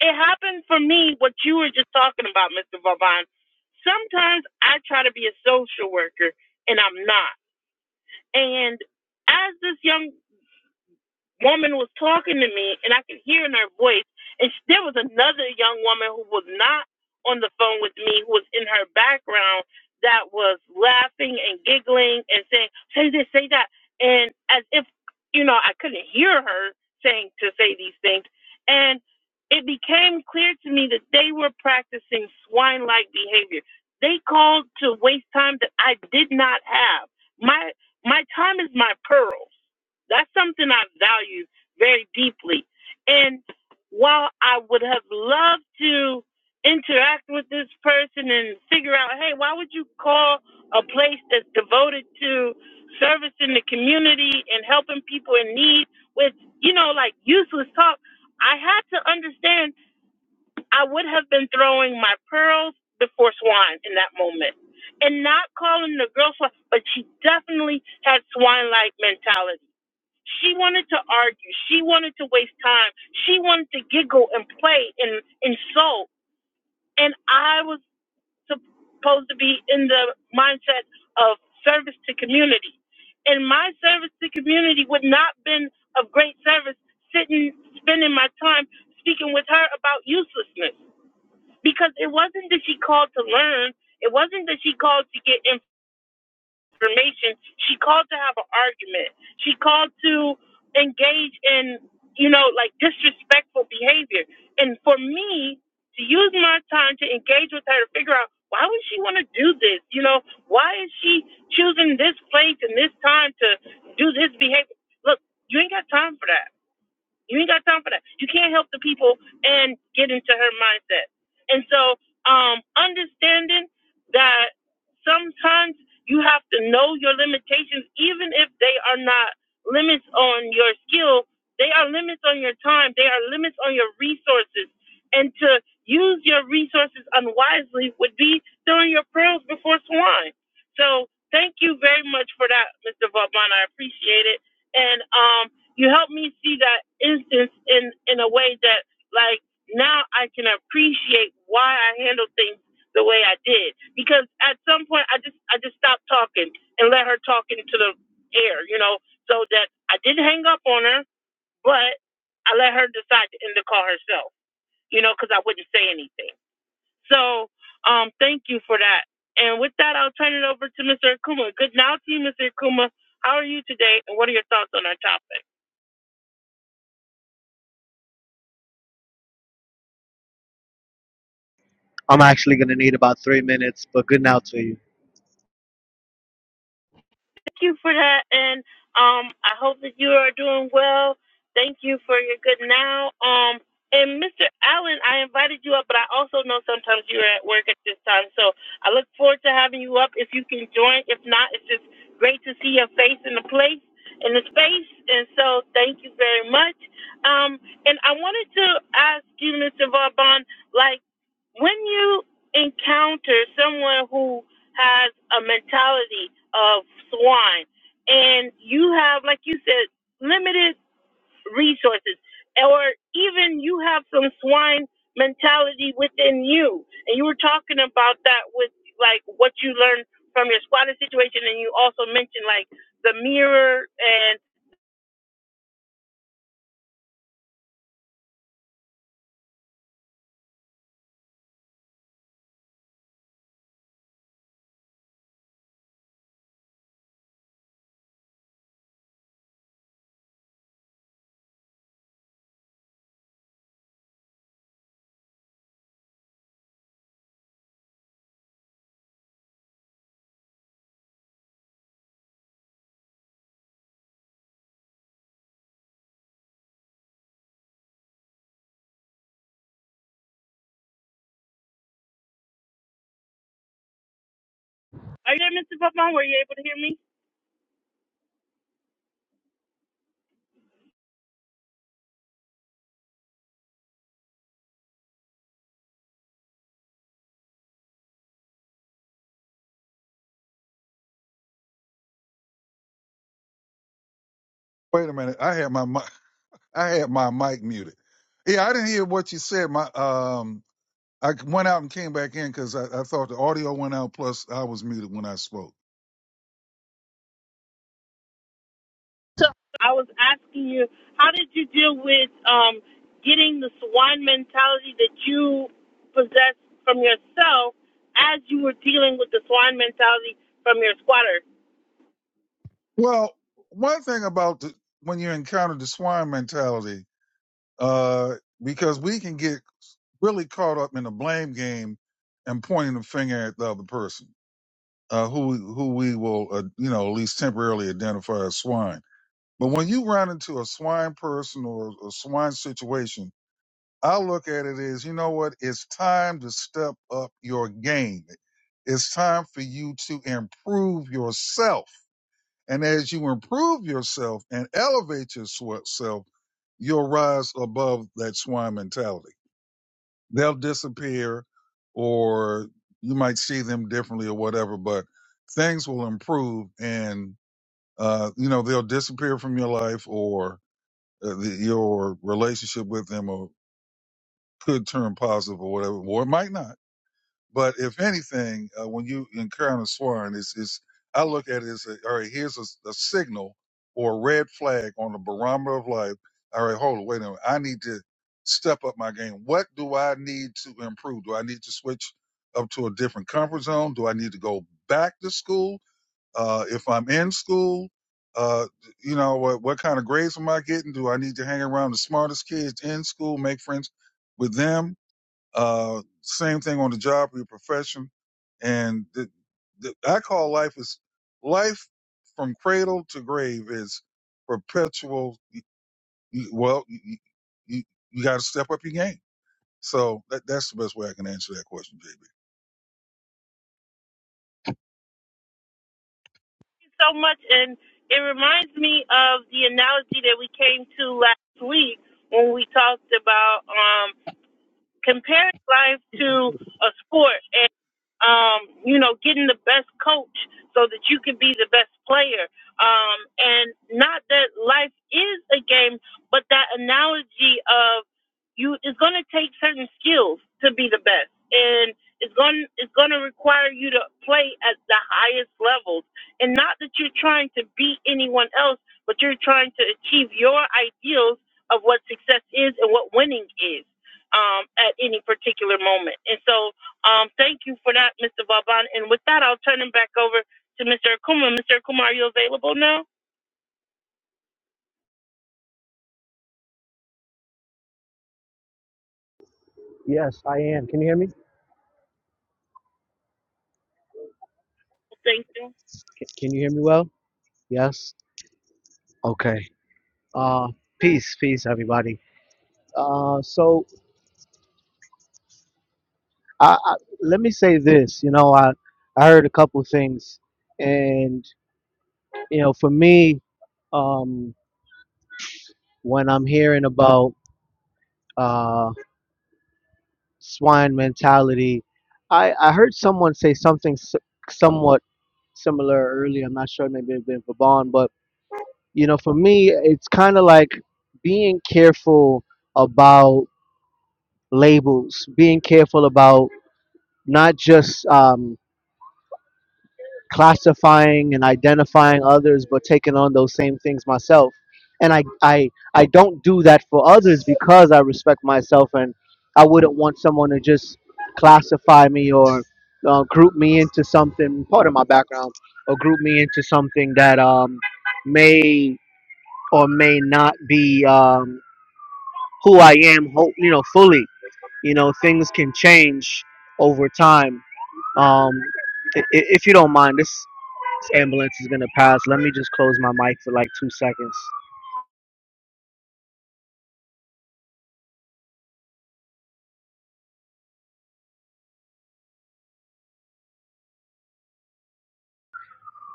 [SPEAKER 1] it happened for me, what you were just talking about, Mr. Vavon. Sometimes I try to be a social worker and I'm not. And as this young woman was talking to me and I could hear in her voice. And sh there was another young woman who was not on the phone with me, who was in her background that was laughing and giggling and saying, say this, say that. And as if, you know, I couldn't hear her saying to say these things. And it became clear to me that they were practicing swine like behavior. They called to waste time that I did not have. My my time is my pearl. That's something I value very deeply. And while I would have loved to interact with this person and figure out, hey, why would you call a place that's devoted to service in the community and helping people in need with, you know, like useless talk? I had to understand I would have been throwing my pearls before swine in that moment and not calling the girl swine, but she definitely had swine like mentality she wanted to argue. She wanted to waste time. She wanted to giggle and play and insult. And I was supposed to be in the mindset of service to community. And my service to community would not been of great service sitting, spending my time speaking with her about uselessness. Because it wasn't that she called to learn. It wasn't that she called to get information. She called to have an argument. She called to engage in, you know, like disrespectful behavior. And for me to use my time to engage with her to figure out why would she want to do this? You know, why is she choosing this place and this time to do this behavior? Look, you ain't got time for that. You ain't got time for that. You can't help the people and get into her mindset. And so, um, understanding that sometimes you have to know your limitations, even if they are not limits on your skill, they are limits on your time, they are limits on your resources. And to use your resources unwisely would be throwing your pearls before swine. So, thank you very much for that, Mr. Vauban. I appreciate it. And, um you helped me see that instance in in a way that like now I can appreciate why I handled things the way I did because at some point I just I just stopped talking and let her talk into the air, you know, so that I didn't hang up on her, but I let her decide to end the call herself, you know, because I wouldn't say anything. So, um, thank you for that. And with that, I'll turn it over to Mr. Akuma. Good now to you, Mr. Akuma. How are you today, and what are your thoughts on our topic?
[SPEAKER 5] I'm actually going to need about three minutes, but good now to you.
[SPEAKER 1] Thank you for that, and um, I hope that you are doing well. Thank you for your good now. Um, and Mr. Allen, I invited you up, but I also know sometimes you're at work at this time, so I look forward to having you up if you can join. If not, it's just great to see your face in the place in the space, and so thank you very much. Um, and I wanted to ask you, Mr. Vaughn, like when you encounter someone who has a mentality of swine and you have like you said limited resources or even you have some swine mentality within you and you were talking about that with like what you learned from your squatter situation and you also mentioned like the mirror and are you able to put on were you able to hear me
[SPEAKER 3] Wait a minute, I had my mi- [laughs] I had my mic muted. Yeah, I didn't hear what you said. My um. I went out and came back in because I, I thought the audio went out. Plus, I was muted when I spoke.
[SPEAKER 1] I was asking you, how did you deal with um, getting the swan mentality that you possess from yourself as you were dealing with the swan mentality from your squatter? Thank
[SPEAKER 3] Well, one thing about the, when you encounter the swine mentality, uh, because we can get really caught up in the blame game and pointing the finger at the other person, uh, who who we will, uh, you know, at least temporarily identify as swine. But when you run into a swine person or a swine situation, I look at it as, you know what? It's time to step up your game. It's time for you to improve yourself. And as you improve yourself and elevate yourself, you'll rise above that swine mentality. They'll disappear or you might see them differently or whatever, but things will improve and, uh, you know, they'll disappear from your life or uh, the, your relationship with them or could turn positive or whatever, or it might not But if anything, uh, when you encounter swearing, it's, it's I look at it as a, all right. Here's a, a signal or a red flag on the barometer of life. All right, hold on, wait a minute. I need to step up my game. What do I need to improve? Do I need to switch up to a different comfort zone? Do I need to go back to school? Uh, if I'm in school, uh, you know what? What kind of grades am I getting? Do I need to hang around the smartest kids in school, make friends with them? Uh, same thing on the job or your profession. And the, the, I call life is life from cradle to grave is perpetual. you- Well, you, you, you got to step up your game. So that, that's the best way I can answer that question, JB.
[SPEAKER 1] you so much, and it reminds me of the analogy that we came to last week when we talked about um, comparing life to a sport. um, you know, getting the best coach so that you can be the best player. Um, and not that life is a game, but that analogy of you it's going to take certain skills to be the best, and it's going it's going to require you to play at the highest levels. And not that you're trying to beat anyone else, but you're trying to achieve your ideals of what success is and what winning is um, at any particular moment. And so um, thank you for that, Mr. Vauban. And with that, I'll turn it back over to Mr. Akuma. Mr. Akuma, are you available now?
[SPEAKER 5] Yes, I am. Can you hear me?
[SPEAKER 1] Thank you
[SPEAKER 5] Can, can you hear me well? Yes? Okay. Uh, peace, peace, everybody. Uh, so I, I, let me say this. You know, I, I heard a couple things. And, you know, for me, um, when I'm hearing about uh, swine mentality, I, I heard someone say something s- somewhat similar earlier. I'm not sure, maybe it had been Vaban, but you know, for me, it's kind of like being careful about labels, being careful about not just um, classifying and identifying others, but taking on those same things myself. And I, I, I don't do that for others because I respect myself, and I wouldn't want someone to just classify me or uh, group me into something part of my background, or group me into something that um, may or may not be. Um, who I am, you know, fully. You know, things can change over time. Um, i- if you don't mind, this, ambulance is gonna pass. Let me just close my mic for like two seconds.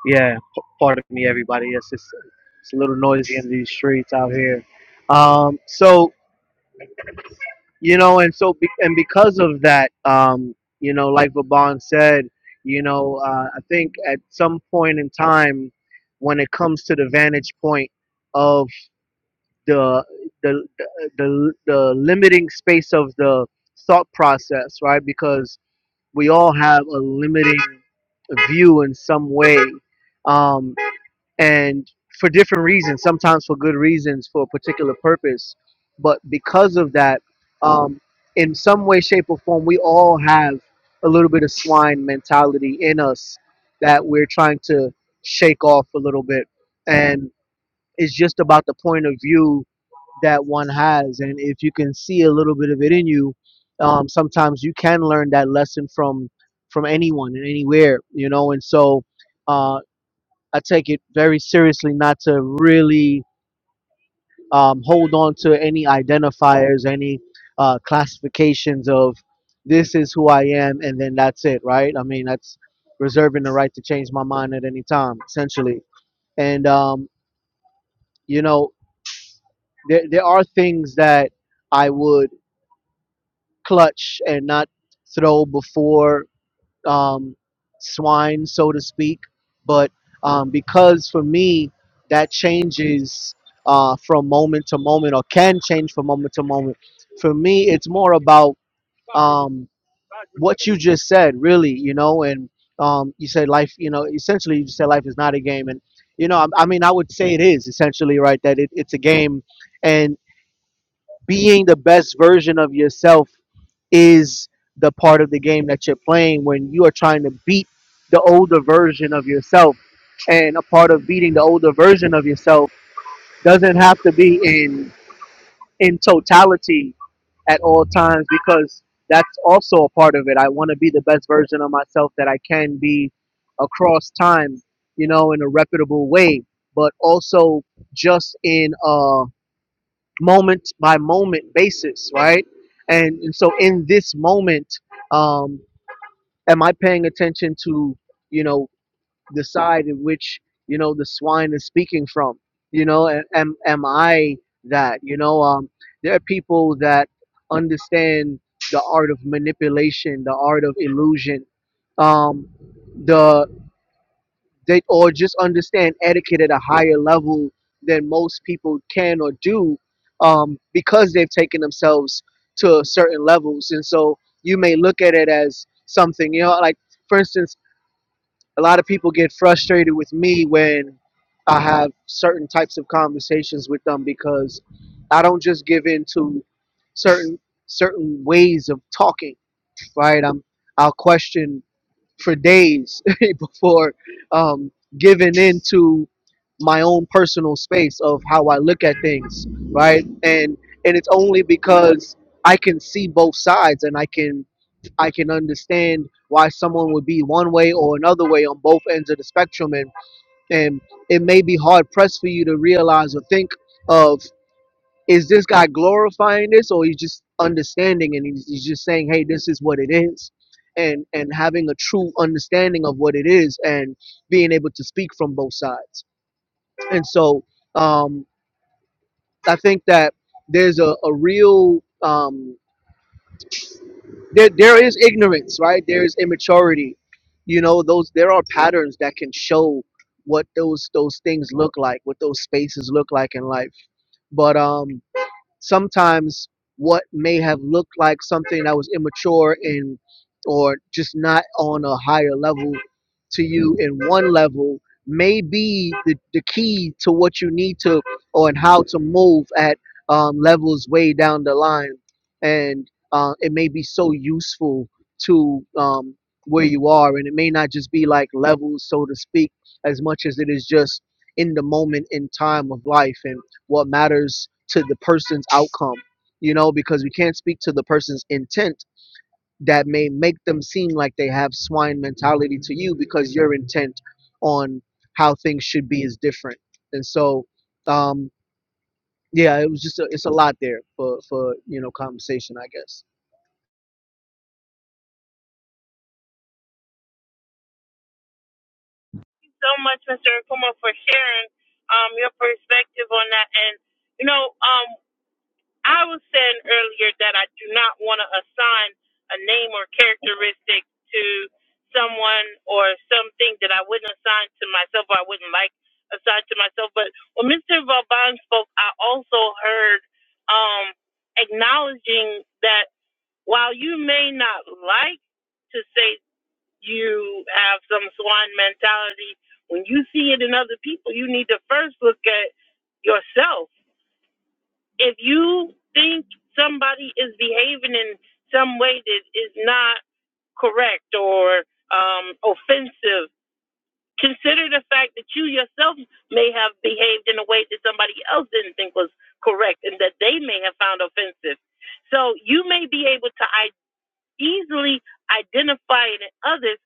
[SPEAKER 5] Yeah, p- pardon me, everybody. It's just it's a little noisy in these streets out here. Um, so you know, and so be- and because of that, um, you know, like Vaban said, you know, uh, I think at some point in time, when it comes to the vantage point of the the the, the limiting space of the thought process, right? Because we all have a limiting view in some way, um, and for different reasons. Sometimes for good reasons, for a particular purpose, but because of that, um, in some way, shape, or form, we all have a little bit of swine mentality in us that we're trying to shake off a little bit, and it's just about the point of view that one has. And if you can see a little bit of it in you, um, sometimes you can learn that lesson from from anyone and anywhere, you know. And so uh, I take it very seriously not to really um, hold on to any identifiers, any uh, classifications of this is who I am, and then that's it, right? I mean, that's reserving the right to change my mind at any time, essentially. And um, you know, there there are things that I would clutch and not throw before um, swine, so to speak. But um, because for me, that changes uh, from moment to moment or can change from moment to moment. For me, it's more about um, what you just said, really, you know, and um, you said life, you know, essentially you just said life is not a game. And, you know, I, I mean, I would say it is essentially, right, that it, it's a game. And being the best version of yourself is the part of the game that you're playing when you are trying to beat the older version of yourself. And a part of beating the older version of yourself doesn't have to be in in totality at all times because that's also a part of it. I want to be the best version of myself that I can be across time, you know, in a reputable way, but also just in a moment by moment basis, right? And, and so in this moment, um, am I paying attention to, you know, the side in which, you know, the swine is speaking from? You know, a- am am I that? You know, um, there are people that understand the art of manipulation, the art of illusion, um, the they or just understand etiquette at a higher level than most people can or do, um, because they've taken themselves to certain levels, and so you may look at it as something, you know, like for instance a lot of people get frustrated with me when I have certain types of conversations with them because I don't just give in to certain certain ways of talking, right? I'm I'll question for days [laughs] before um, giving in to my own personal space of how I look at things, right? And and it's only because I can see both sides and I can I can understand why someone would be one way or another way on both ends of the spectrum, and and it may be hard pressed for you to realize or think of is this guy glorifying this or he's just understanding and he's, he's just saying hey this is what it is and and having a true understanding of what it is and being able to speak from both sides and so um, i think that there's a, a real um, there, there is ignorance right there is immaturity you know those there are patterns that can show what those those things look like what those spaces look like in life but um sometimes what may have looked like something that was immature and or just not on a higher level to you in one level may be the, the key to what you need to or and how to move at um, levels way down the line and uh, it may be so useful to um, where you are and it may not just be like levels so to speak as much as it is just in the moment in time of life and what matters to the person's outcome, you know, because we can't speak to the person's intent that may make them seem like they have swine mentality to you because your intent on how things should be is different. And so, um, yeah, it was just a, it's a lot there for for you know conversation, I guess.
[SPEAKER 1] so much, Mr. Akuma, for sharing um, your perspective on that. And, you know, um, I was saying earlier that I do not want to assign a name or characteristic to someone or something that I wouldn't assign to myself or I wouldn't like assign to myself. But when Mr. Vauban spoke, I also heard um, acknowledging that. While you may not like to say you have some swan mentality, when you see it in other people, you need to first look at yourself. If you think somebody is behaving in some way that is not correct or um, offensive, consider the fact that you yourself may have behaved in a way that somebody else didn't think was correct and that they may have found offensive. So you may be able to easily identify it in others,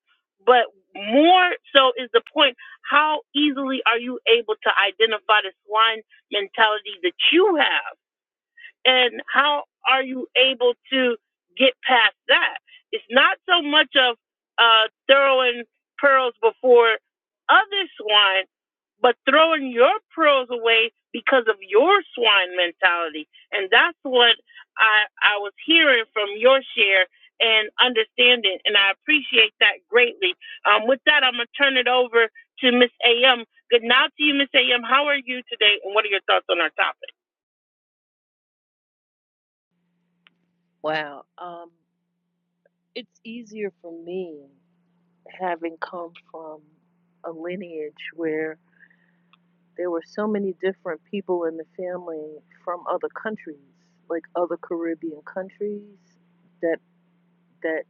[SPEAKER 1] but more so is the point how easily are you able to identify the swine mentality that you have? And how are you able to get past that? It's not so much of uh, throwing pearls before other swine, but throwing your pearls away because of your swine mentality. And that's what I, I was hearing from your share and understanding. And I appreciate that greatly. Um, with that, I'm going to turn it over to Miss AM. Good night to you, Miss AM. How are you today? And what are your thoughts on our topic?
[SPEAKER 6] Wow. Um, it's easier for me having come from a lineage where there were so many different people in the family from other countries, like other Caribbean countries, that that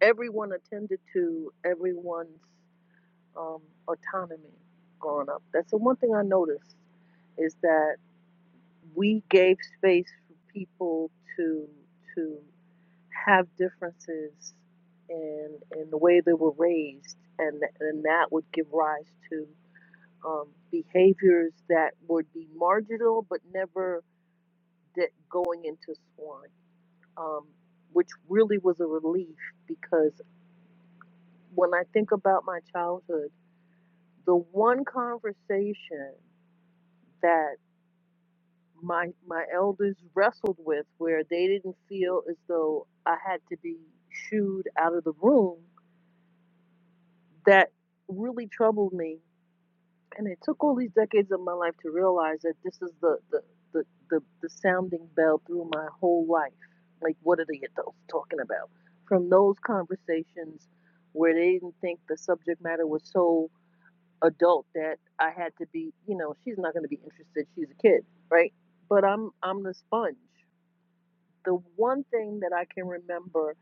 [SPEAKER 6] everyone attended to everyone's um, autonomy growing up. That's the one thing I noticed is that we gave space for people to to have differences in in the way they were raised, and and that would give rise to um, behaviors that would be marginal, but never de- going into swine, um, which really was a relief because when I think about my childhood, the one conversation that my my elders wrestled with where they didn't feel as though I had to be shooed out of the room that really troubled me. And it took all these decades of my life to realize that this is the the the, the, the sounding bell through my whole life. Like what are the adults talking about? From those conversations where they didn't think the subject matter was so adult that I had to be, you know, she's not gonna be interested, she's a kid, right? But I'm I'm the sponge. The one thing that I can remember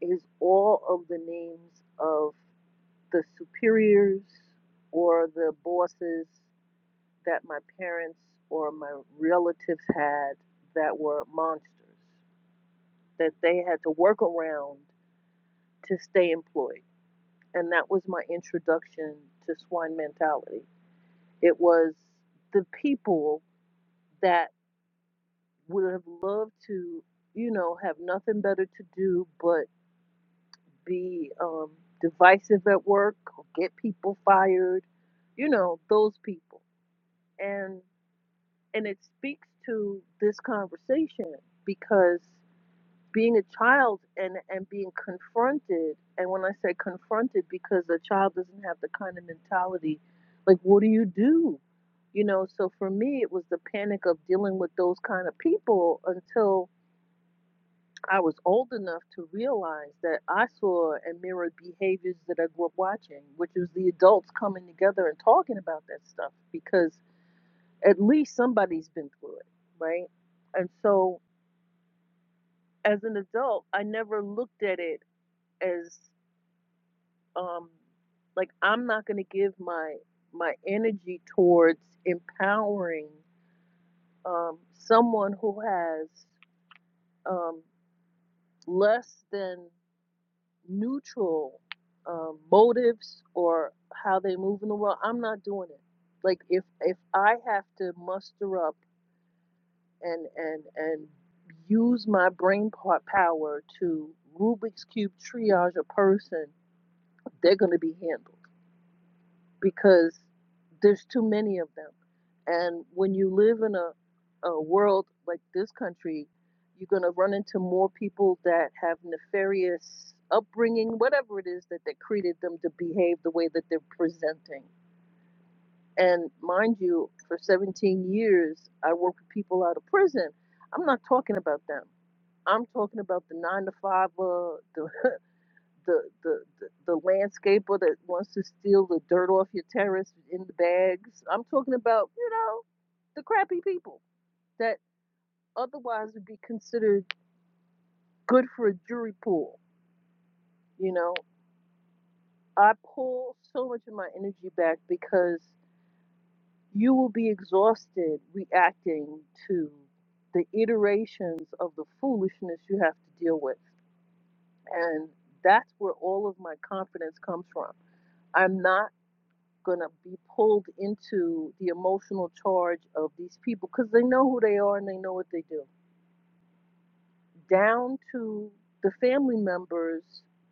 [SPEAKER 6] is all of the names of the superiors or the bosses that my parents or my relatives had that were monsters that they had to work around to stay employed. And that was my introduction to swine mentality. It was the people that would have loved to, you know, have nothing better to do but be um, divisive at work, or get people fired, you know, those people. and. and it speaks to this conversation because being a child and and being confronted and when i say confronted because a child doesn't have the kind of mentality like what do you do you know so for me it was the panic of dealing with those kind of people until i was old enough to realize that i saw and mirrored behaviors that i grew up watching which was the adults coming together and talking about that stuff because at least somebody's been through it, right? And so as an adult, I never looked at it as um like I'm not going to give my my energy towards empowering um someone who has um less than neutral um motives or how they move in the world. I'm not doing it. Like if if I have to muster up and and and use my brain part power to Rubik's cube triage a person, they're going to be handled because there's too many of them. And when you live in a a world like this country, you're going to run into more people that have nefarious upbringing, whatever it is that they created them to behave the way that they're presenting. And mind you, for 17 years, I worked with people out of prison. I'm not talking about them. I'm talking about the nine to five, uh, the, [laughs] the the the the landscaper that wants to steal the dirt off your terrace in the bags. I'm talking about you know the crappy people that otherwise would be considered good for a jury pool. You know, I pull so much of my energy back because you will be exhausted reacting to the iterations of the foolishness you have to deal with, and that's where all of my confidence comes from I'm not going to be pulled into the emotional charge of these people because they know who they are and they know what they do. Down to the family members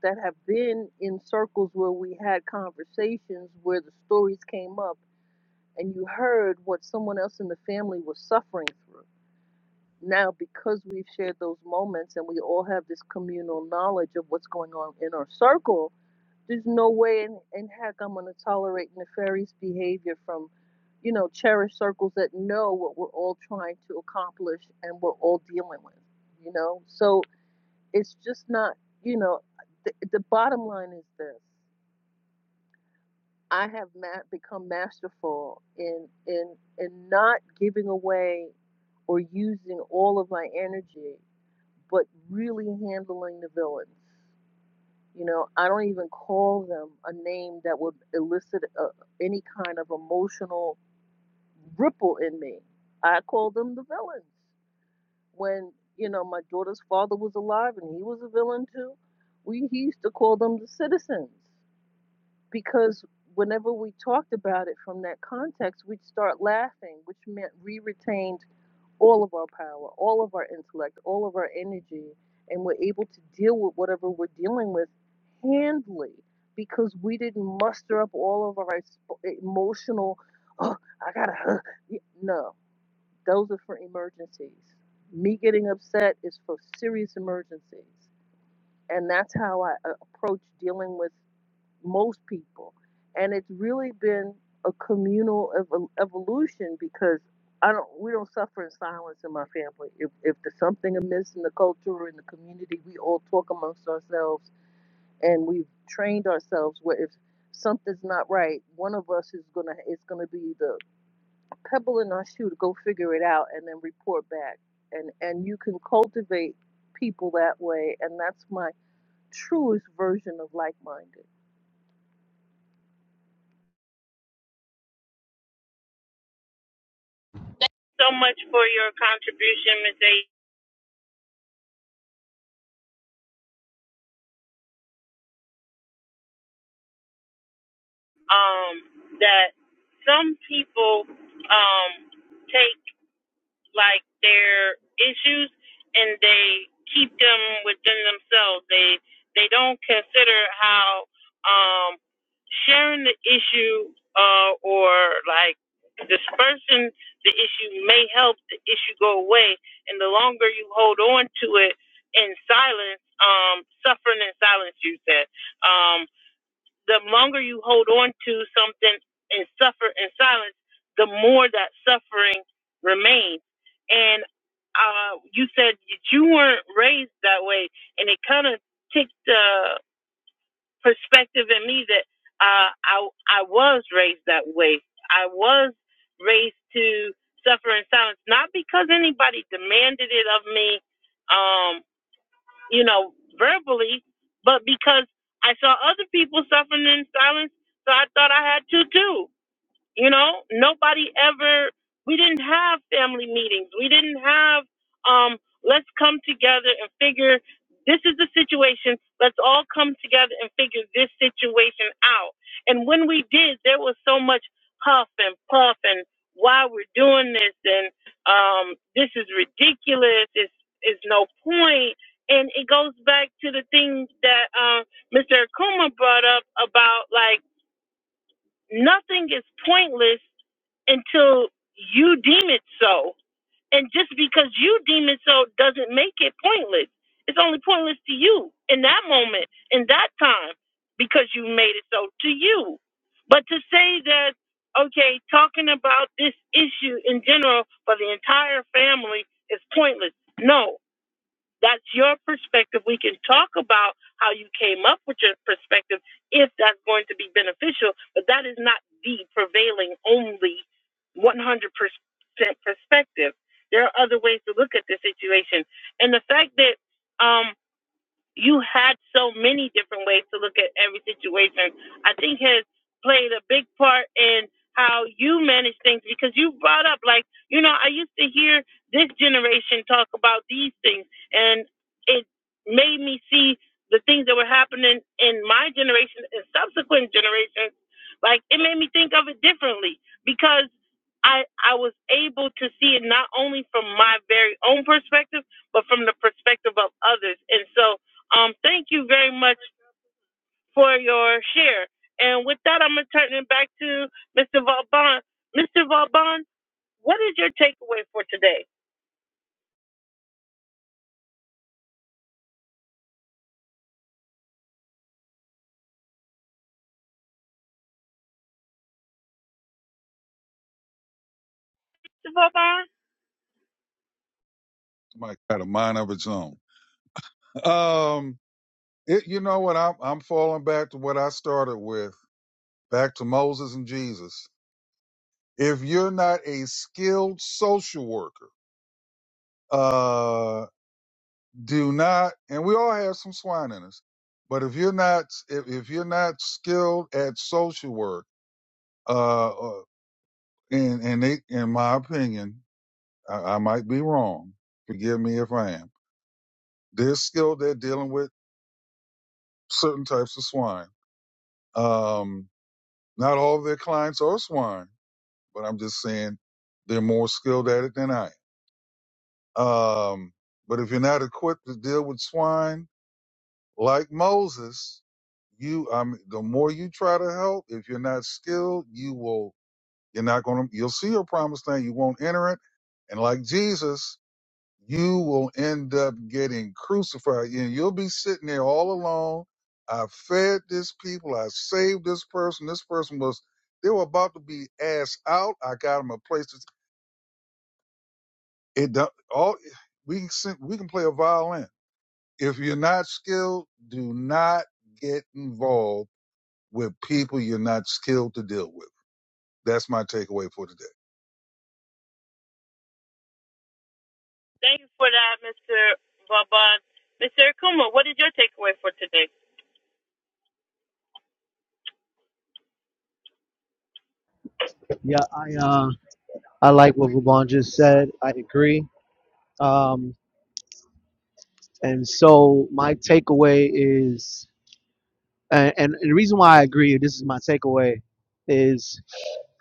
[SPEAKER 6] that have been in circles where we had conversations where the stories came up and you heard what someone else in the family was suffering through. Now, because we've shared those moments and we all have this communal knowledge of what's going on in our circle, there's no way in, in heck I'm going to tolerate nefarious behavior from you know, cherished circles that know what we're all trying to accomplish and we're all dealing with, you know? So it's just not, you know, the, the bottom line is this. I have ma- become masterful in in in not giving away or using all of my energy, but really handling the villains. You know, I don't even call them a name that would elicit a, any kind of emotional ripple in me. I call them the villains. When you know my daughter's father was alive and he was a villain too, we he used to call them the citizens because whenever we talked about it from that context, we'd start laughing, which meant we retained all of our power, all of our intellect, all of our energy, and we're able to deal with whatever we're dealing with handily because we didn't muster up all of our emotional. Oh, I gotta. huh," y- No, those are for emergencies. Me getting upset is for serious emergencies. And that's how I uh, approach dealing with most people. And it's really been a communal ev- evolution because I don't we don't suffer in silence in my family. If if there's something amiss in the culture or in the community, we all talk amongst ourselves and we've trained ourselves where if something's not right, one of us is gonna is gonna be the pebbling on shoe to go figure it out and then report back and and you can cultivate people that way and that's my truest version of like-minded
[SPEAKER 1] so much for your contribution, Ms. A. Um, that some people um, take like their issues and they keep them within themselves. They they don't consider how um, sharing the issue uh, or like dispersing the issue may help the issue go away. And the longer you hold on to it in silence, um, suffering in silence, you said. Um, the longer you hold on to something and suffer in silence, the more that suffering remains. And uh, you said that you weren't raised that way, and it kind of took the perspective in me that uh, I I was raised that way. I was raised to suffer in silence, not because anybody demanded it of me, um, you know, verbally, but because I saw other people suffering in silence, so I thought I had to too. You know, nobody ever, we didn't have family meetings. We didn't have, um, let's come together and figure this is the situation. Let's all come together and figure this situation out. And when we did, there was so much huff and puff and why we're doing this and um, this is ridiculous. It's, it's no point. And it goes back to the thing that uh, Mr. Akuma brought up about like, Nothing is pointless until you deem it so. And just because you deem it so doesn't make it pointless. It's only pointless to you in that moment, in that time, because you made it so to you. But to say that, okay, talking about this issue in general for the entire family is pointless. No, that's your perspective. We can talk about how you came up with your perspective if that's going to be beneficial, but that is not the prevailing only 100% perspective. There are other ways to look at the situation. And the fact that, um, you had so many different ways to look at every situation. I think has played a big part in how you manage things because you brought up like, you know, I used to hear this generation talk about these things and it made me see the things that were happening in my generation and subsequent generations. Like it made me think of it differently because I I was able to see it not only from my very own perspective, but from the perspective of others. And so um, thank you very much for your share. And with that, I'm going to turn it back to Mr. Vauban. Mr. Vauban, what is your takeaway for today? Mr. Vauban,
[SPEAKER 3] Mike got a mind of its own. Um, it, you know what? I'm, I'm falling back to what I started with, back to Moses and Jesus. If you're not a skilled social worker, uh, do not and we all have some swine in us but if you're not if, if you're not skilled at social work uh uh, and and they, in my opinion I, I might be wrong forgive me if i am they're skilled at dealing with certain types of swine um not all of their clients are swine but i'm just saying they're more skilled at it than i am um but if you're not equipped to deal with swine Like Moses, you um. the more you try to help, if you're not skilled, you will you're not gonna you'll see your promised land, you won't enter it. And like Jesus, you will end up getting crucified. And you'll be sitting there all alone. I fed this people, I saved this person, this person was they were about to be ass out. I got them a place to it don't- all we can sing- we can play a violin. If you're not skilled, do not get involved with people you're not skilled to deal with. That's my takeaway for today.
[SPEAKER 1] thank you for that, Mr. Vauban. Mr. Akuma, what is your takeaway for today?
[SPEAKER 5] Yeah, I uh, I like what Ruban just said. I agree. Um, and so my takeaway is And, and the reason why I agree, this is my takeaway, is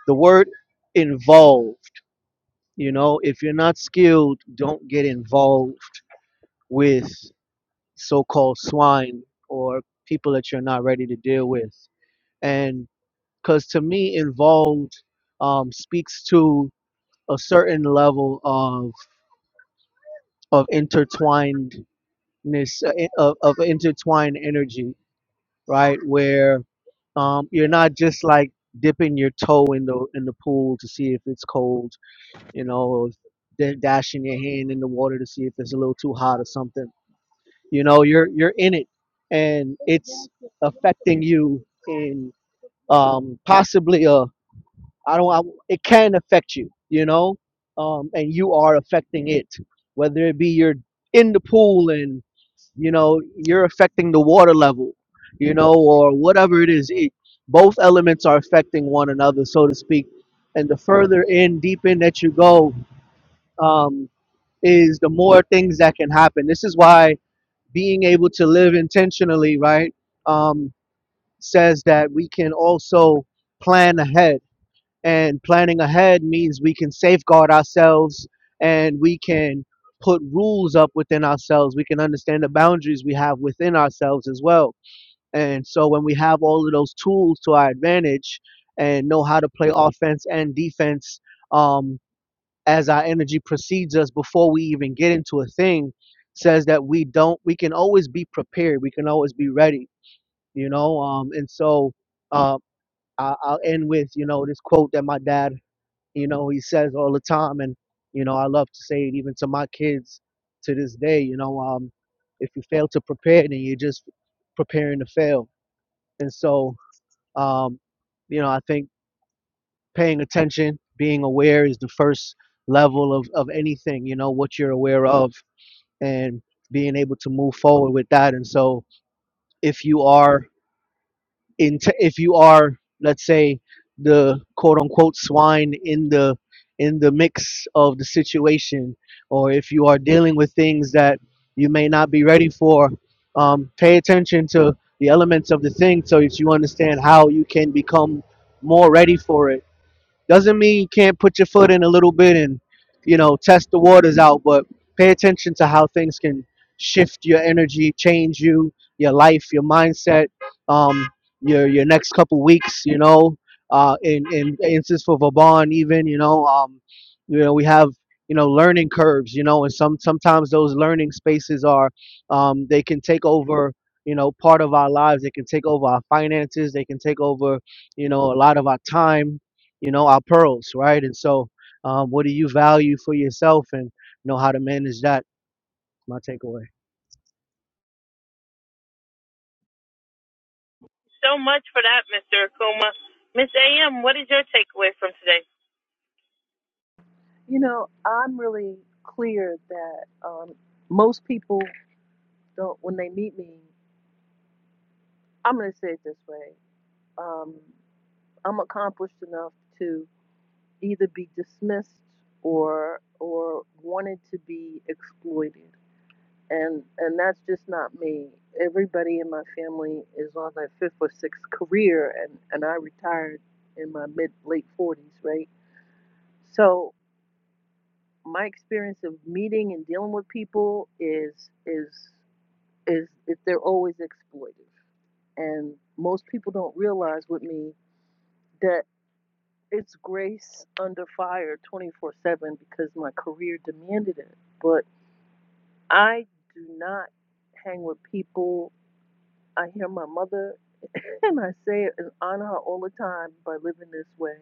[SPEAKER 5] the word involved. You know, if you're not skilled, don't get involved with so called swine or people that you're not ready to deal with. And because to me, involved um, speaks to a certain level of, of intertwinedness, uh, in- of, of intertwined energy. right? Where um, you're not just like dipping your toe in the in the pool to see if it's cold, you know, or da- dashing your hand in the water to see if it's a little too hot or something. You know, you're you're in it, and it's affecting you in um, possibly a I don't I, it can affect you, you know, um, and you are affecting it, whether it be you're in the pool and you know you're affecting the water level you know or whatever it is it, both elements are affecting one another so to speak and the further in deep in that you go um, is the more things that can happen this is why being able to live intentionally right um, says that we can also plan ahead and planning ahead means we can safeguard ourselves and we can put rules up within ourselves. We can understand the boundaries we have within ourselves as well. And so when we have all of those tools to our advantage and know how to play offense and defense um, as our energy precedes us before we even get into a thing, says that we don't, we can always be prepared. We can always be ready, you know? Um, and so, uh, I- I'll end with, you know, this quote that my dad you know he says all the time and you know i love to say it even to my kids to this day you know um if you fail to prepare then you're just preparing to fail and so um you know i think paying attention being aware is the first level of of anything you know what you're aware of and being able to move forward with that and so if you are in t- if you are let's say the quote unquote swine in the in the mix of the situation or if you are dealing with things that you may not be ready for um, pay attention to the elements of the thing so that you understand how you can become more ready for it doesn't mean you can't put your foot in a little bit and, you know, test the waters out, but pay attention to how things can shift your energy, change you, your life, your mindset, um, your your next couple weeks, you know. Uh, in in instance for Vaughn, even you know, um, you know, we have you know learning curves, you know, and some sometimes those learning spaces are, um, they can take over. You know, part of our lives, they can take over our finances. They can take over, you know, a lot of our time you know, our pearls, right? And so, um, what do you value for yourself and know how to manage that? My takeaway.
[SPEAKER 1] So much for that, Mr. Akuma. Miss AM, what is your takeaway from today?
[SPEAKER 6] you know i'm really clear that um, most people don't when they meet me i'm going to say it this way um, i'm accomplished enough to either be dismissed or or wanted to be exploited and and that's just not me. Everybody in my family is on their fifth or sixth career, and and I retired in my mid late forties, right? So my experience of meeting and dealing with people is is is that they're always exploitive, and most people don't realize with me that it's grace under fire 24 7 because my career demanded it but i do not hang with people I hear my mother, [laughs] and I say it and honor her all the time by living this way.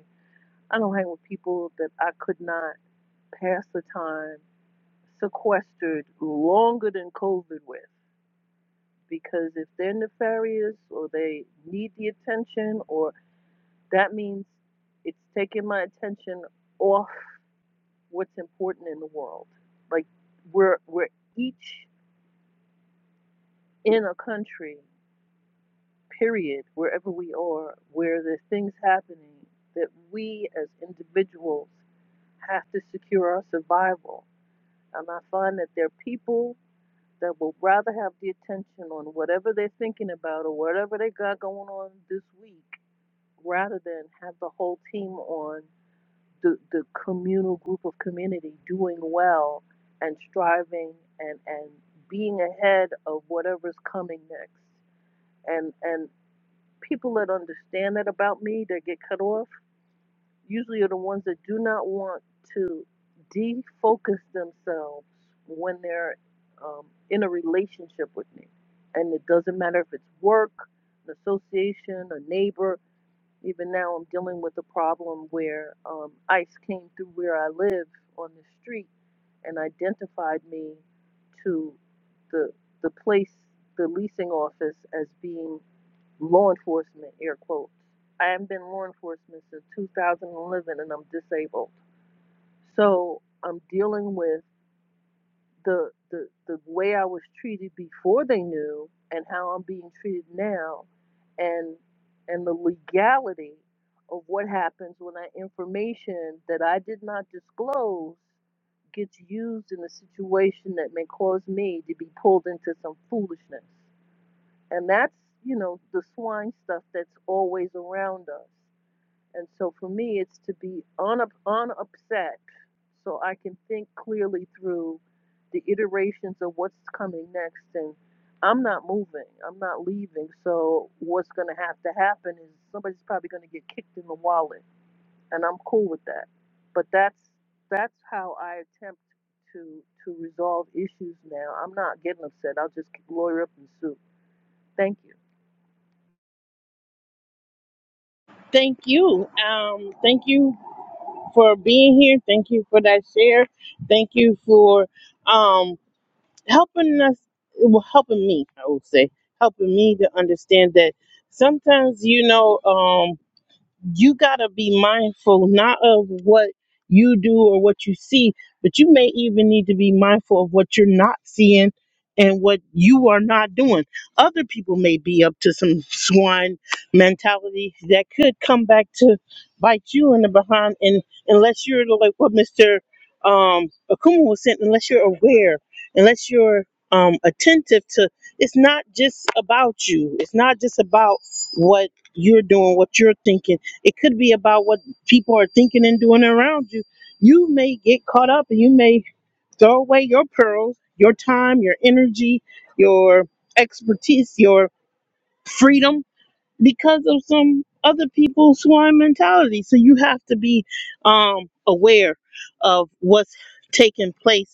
[SPEAKER 6] I don't hang with people that I could not pass the time sequestered longer than COVID with because if they're nefarious or they need the attention, or that means it's taking my attention off what's important in the world. Like we're we're each in a country period, wherever we are, where there's things happening that we as individuals have to secure our survival. And I find that there are people that will rather have the attention on whatever they're thinking about or whatever they got going on this week rather than have the whole team on the, the communal group of community doing well and striving and, and being ahead of whatever's coming next and and people that understand that about me that get cut off usually are the ones that do not want to defocus themselves when they're um, in a relationship with me. And it doesn't matter if it's work, an association, a neighbor. Even now, I'm dealing with a problem where um, ICE came through where I live on the street and identified me to the the place, the leasing office, as being law enforcement, air quotes. I haven't been law enforcement since 2011 and I'm disabled. So I'm dealing with the, the, the way I was treated before they knew and how I'm being treated now and, and the legality of what happens when that information that I did not disclose gets used in a situation that may cause me to be pulled into some foolishness. And that's, you know, the swine stuff that's always around us. And so for me, it's to be unup- unupset so I can think clearly through the iterations of what's coming next. And I'm not moving, I'm not leaving. So what's going to have to happen is somebody's probably going to get kicked in the wallet. And I'm cool with that. But that's that's how I attempt to to resolve issues now. I'm not getting upset. I'll just lawyer up and sue. Thank you.
[SPEAKER 1] Thank you. Um, thank you for being here. Thank you for that share. Thank you for um, helping us well helping me i would say helping me to understand that sometimes you know um, you got to be mindful not of what you do or what you see, but you may even need to be mindful of what you're not seeing and what you are not doing. Other people may be up to some swine mentality that could come back to bite you in the behind. And unless you're like what Mr. Um, Akuma was saying, unless you're aware, unless you're um, attentive to, it's not just about you. It's not just about what you're doing, what you're thinking it could be about what people are thinking and doing around you. You may get caught up and you may throw away your pearls, your time, your energy, your expertise, your freedom because of some other people's swine mentality. So you have to be um, aware of what's taking place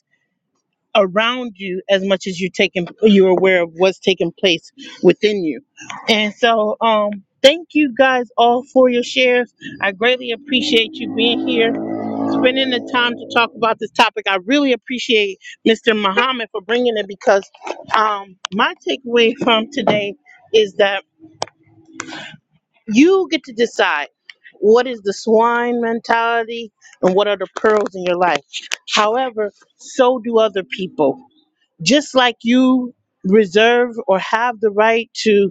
[SPEAKER 1] around you as much as you're taking you're aware of what's taking place within you and so um thank you guys all for your shares i greatly appreciate you being here spending the time to talk about this topic i really appreciate mr muhammad for bringing it because um my takeaway from today is that you get to decide what is the swine mentality and what are the pearls in your life however so do other people just like you reserve or have the right to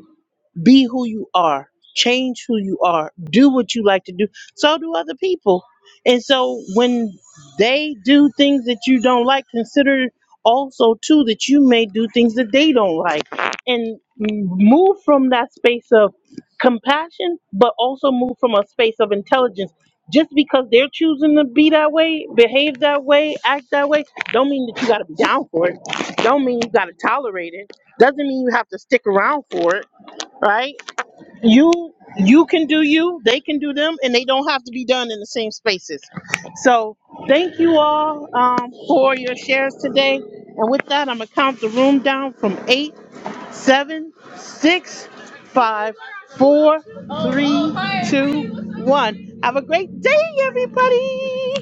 [SPEAKER 1] be who you are. Change who you are. Do what you like to do. So do other people. And so when they do things that you don't like, consider also too that you may do things that they don't like. And move from that space of compassion, but also move from a space of intelligence. Just because they're choosing to be that way, behave that way, act that way, don't mean that you gotta be down for it. Don't mean you gotta tolerate it. Doesn't mean you have to stick around for it, right? you you can do you they can do them and they don't have to be done in the same spaces so thank you all um, for your shares today and with that i'm gonna count the room down from eight seven six five four three two one have a great day everybody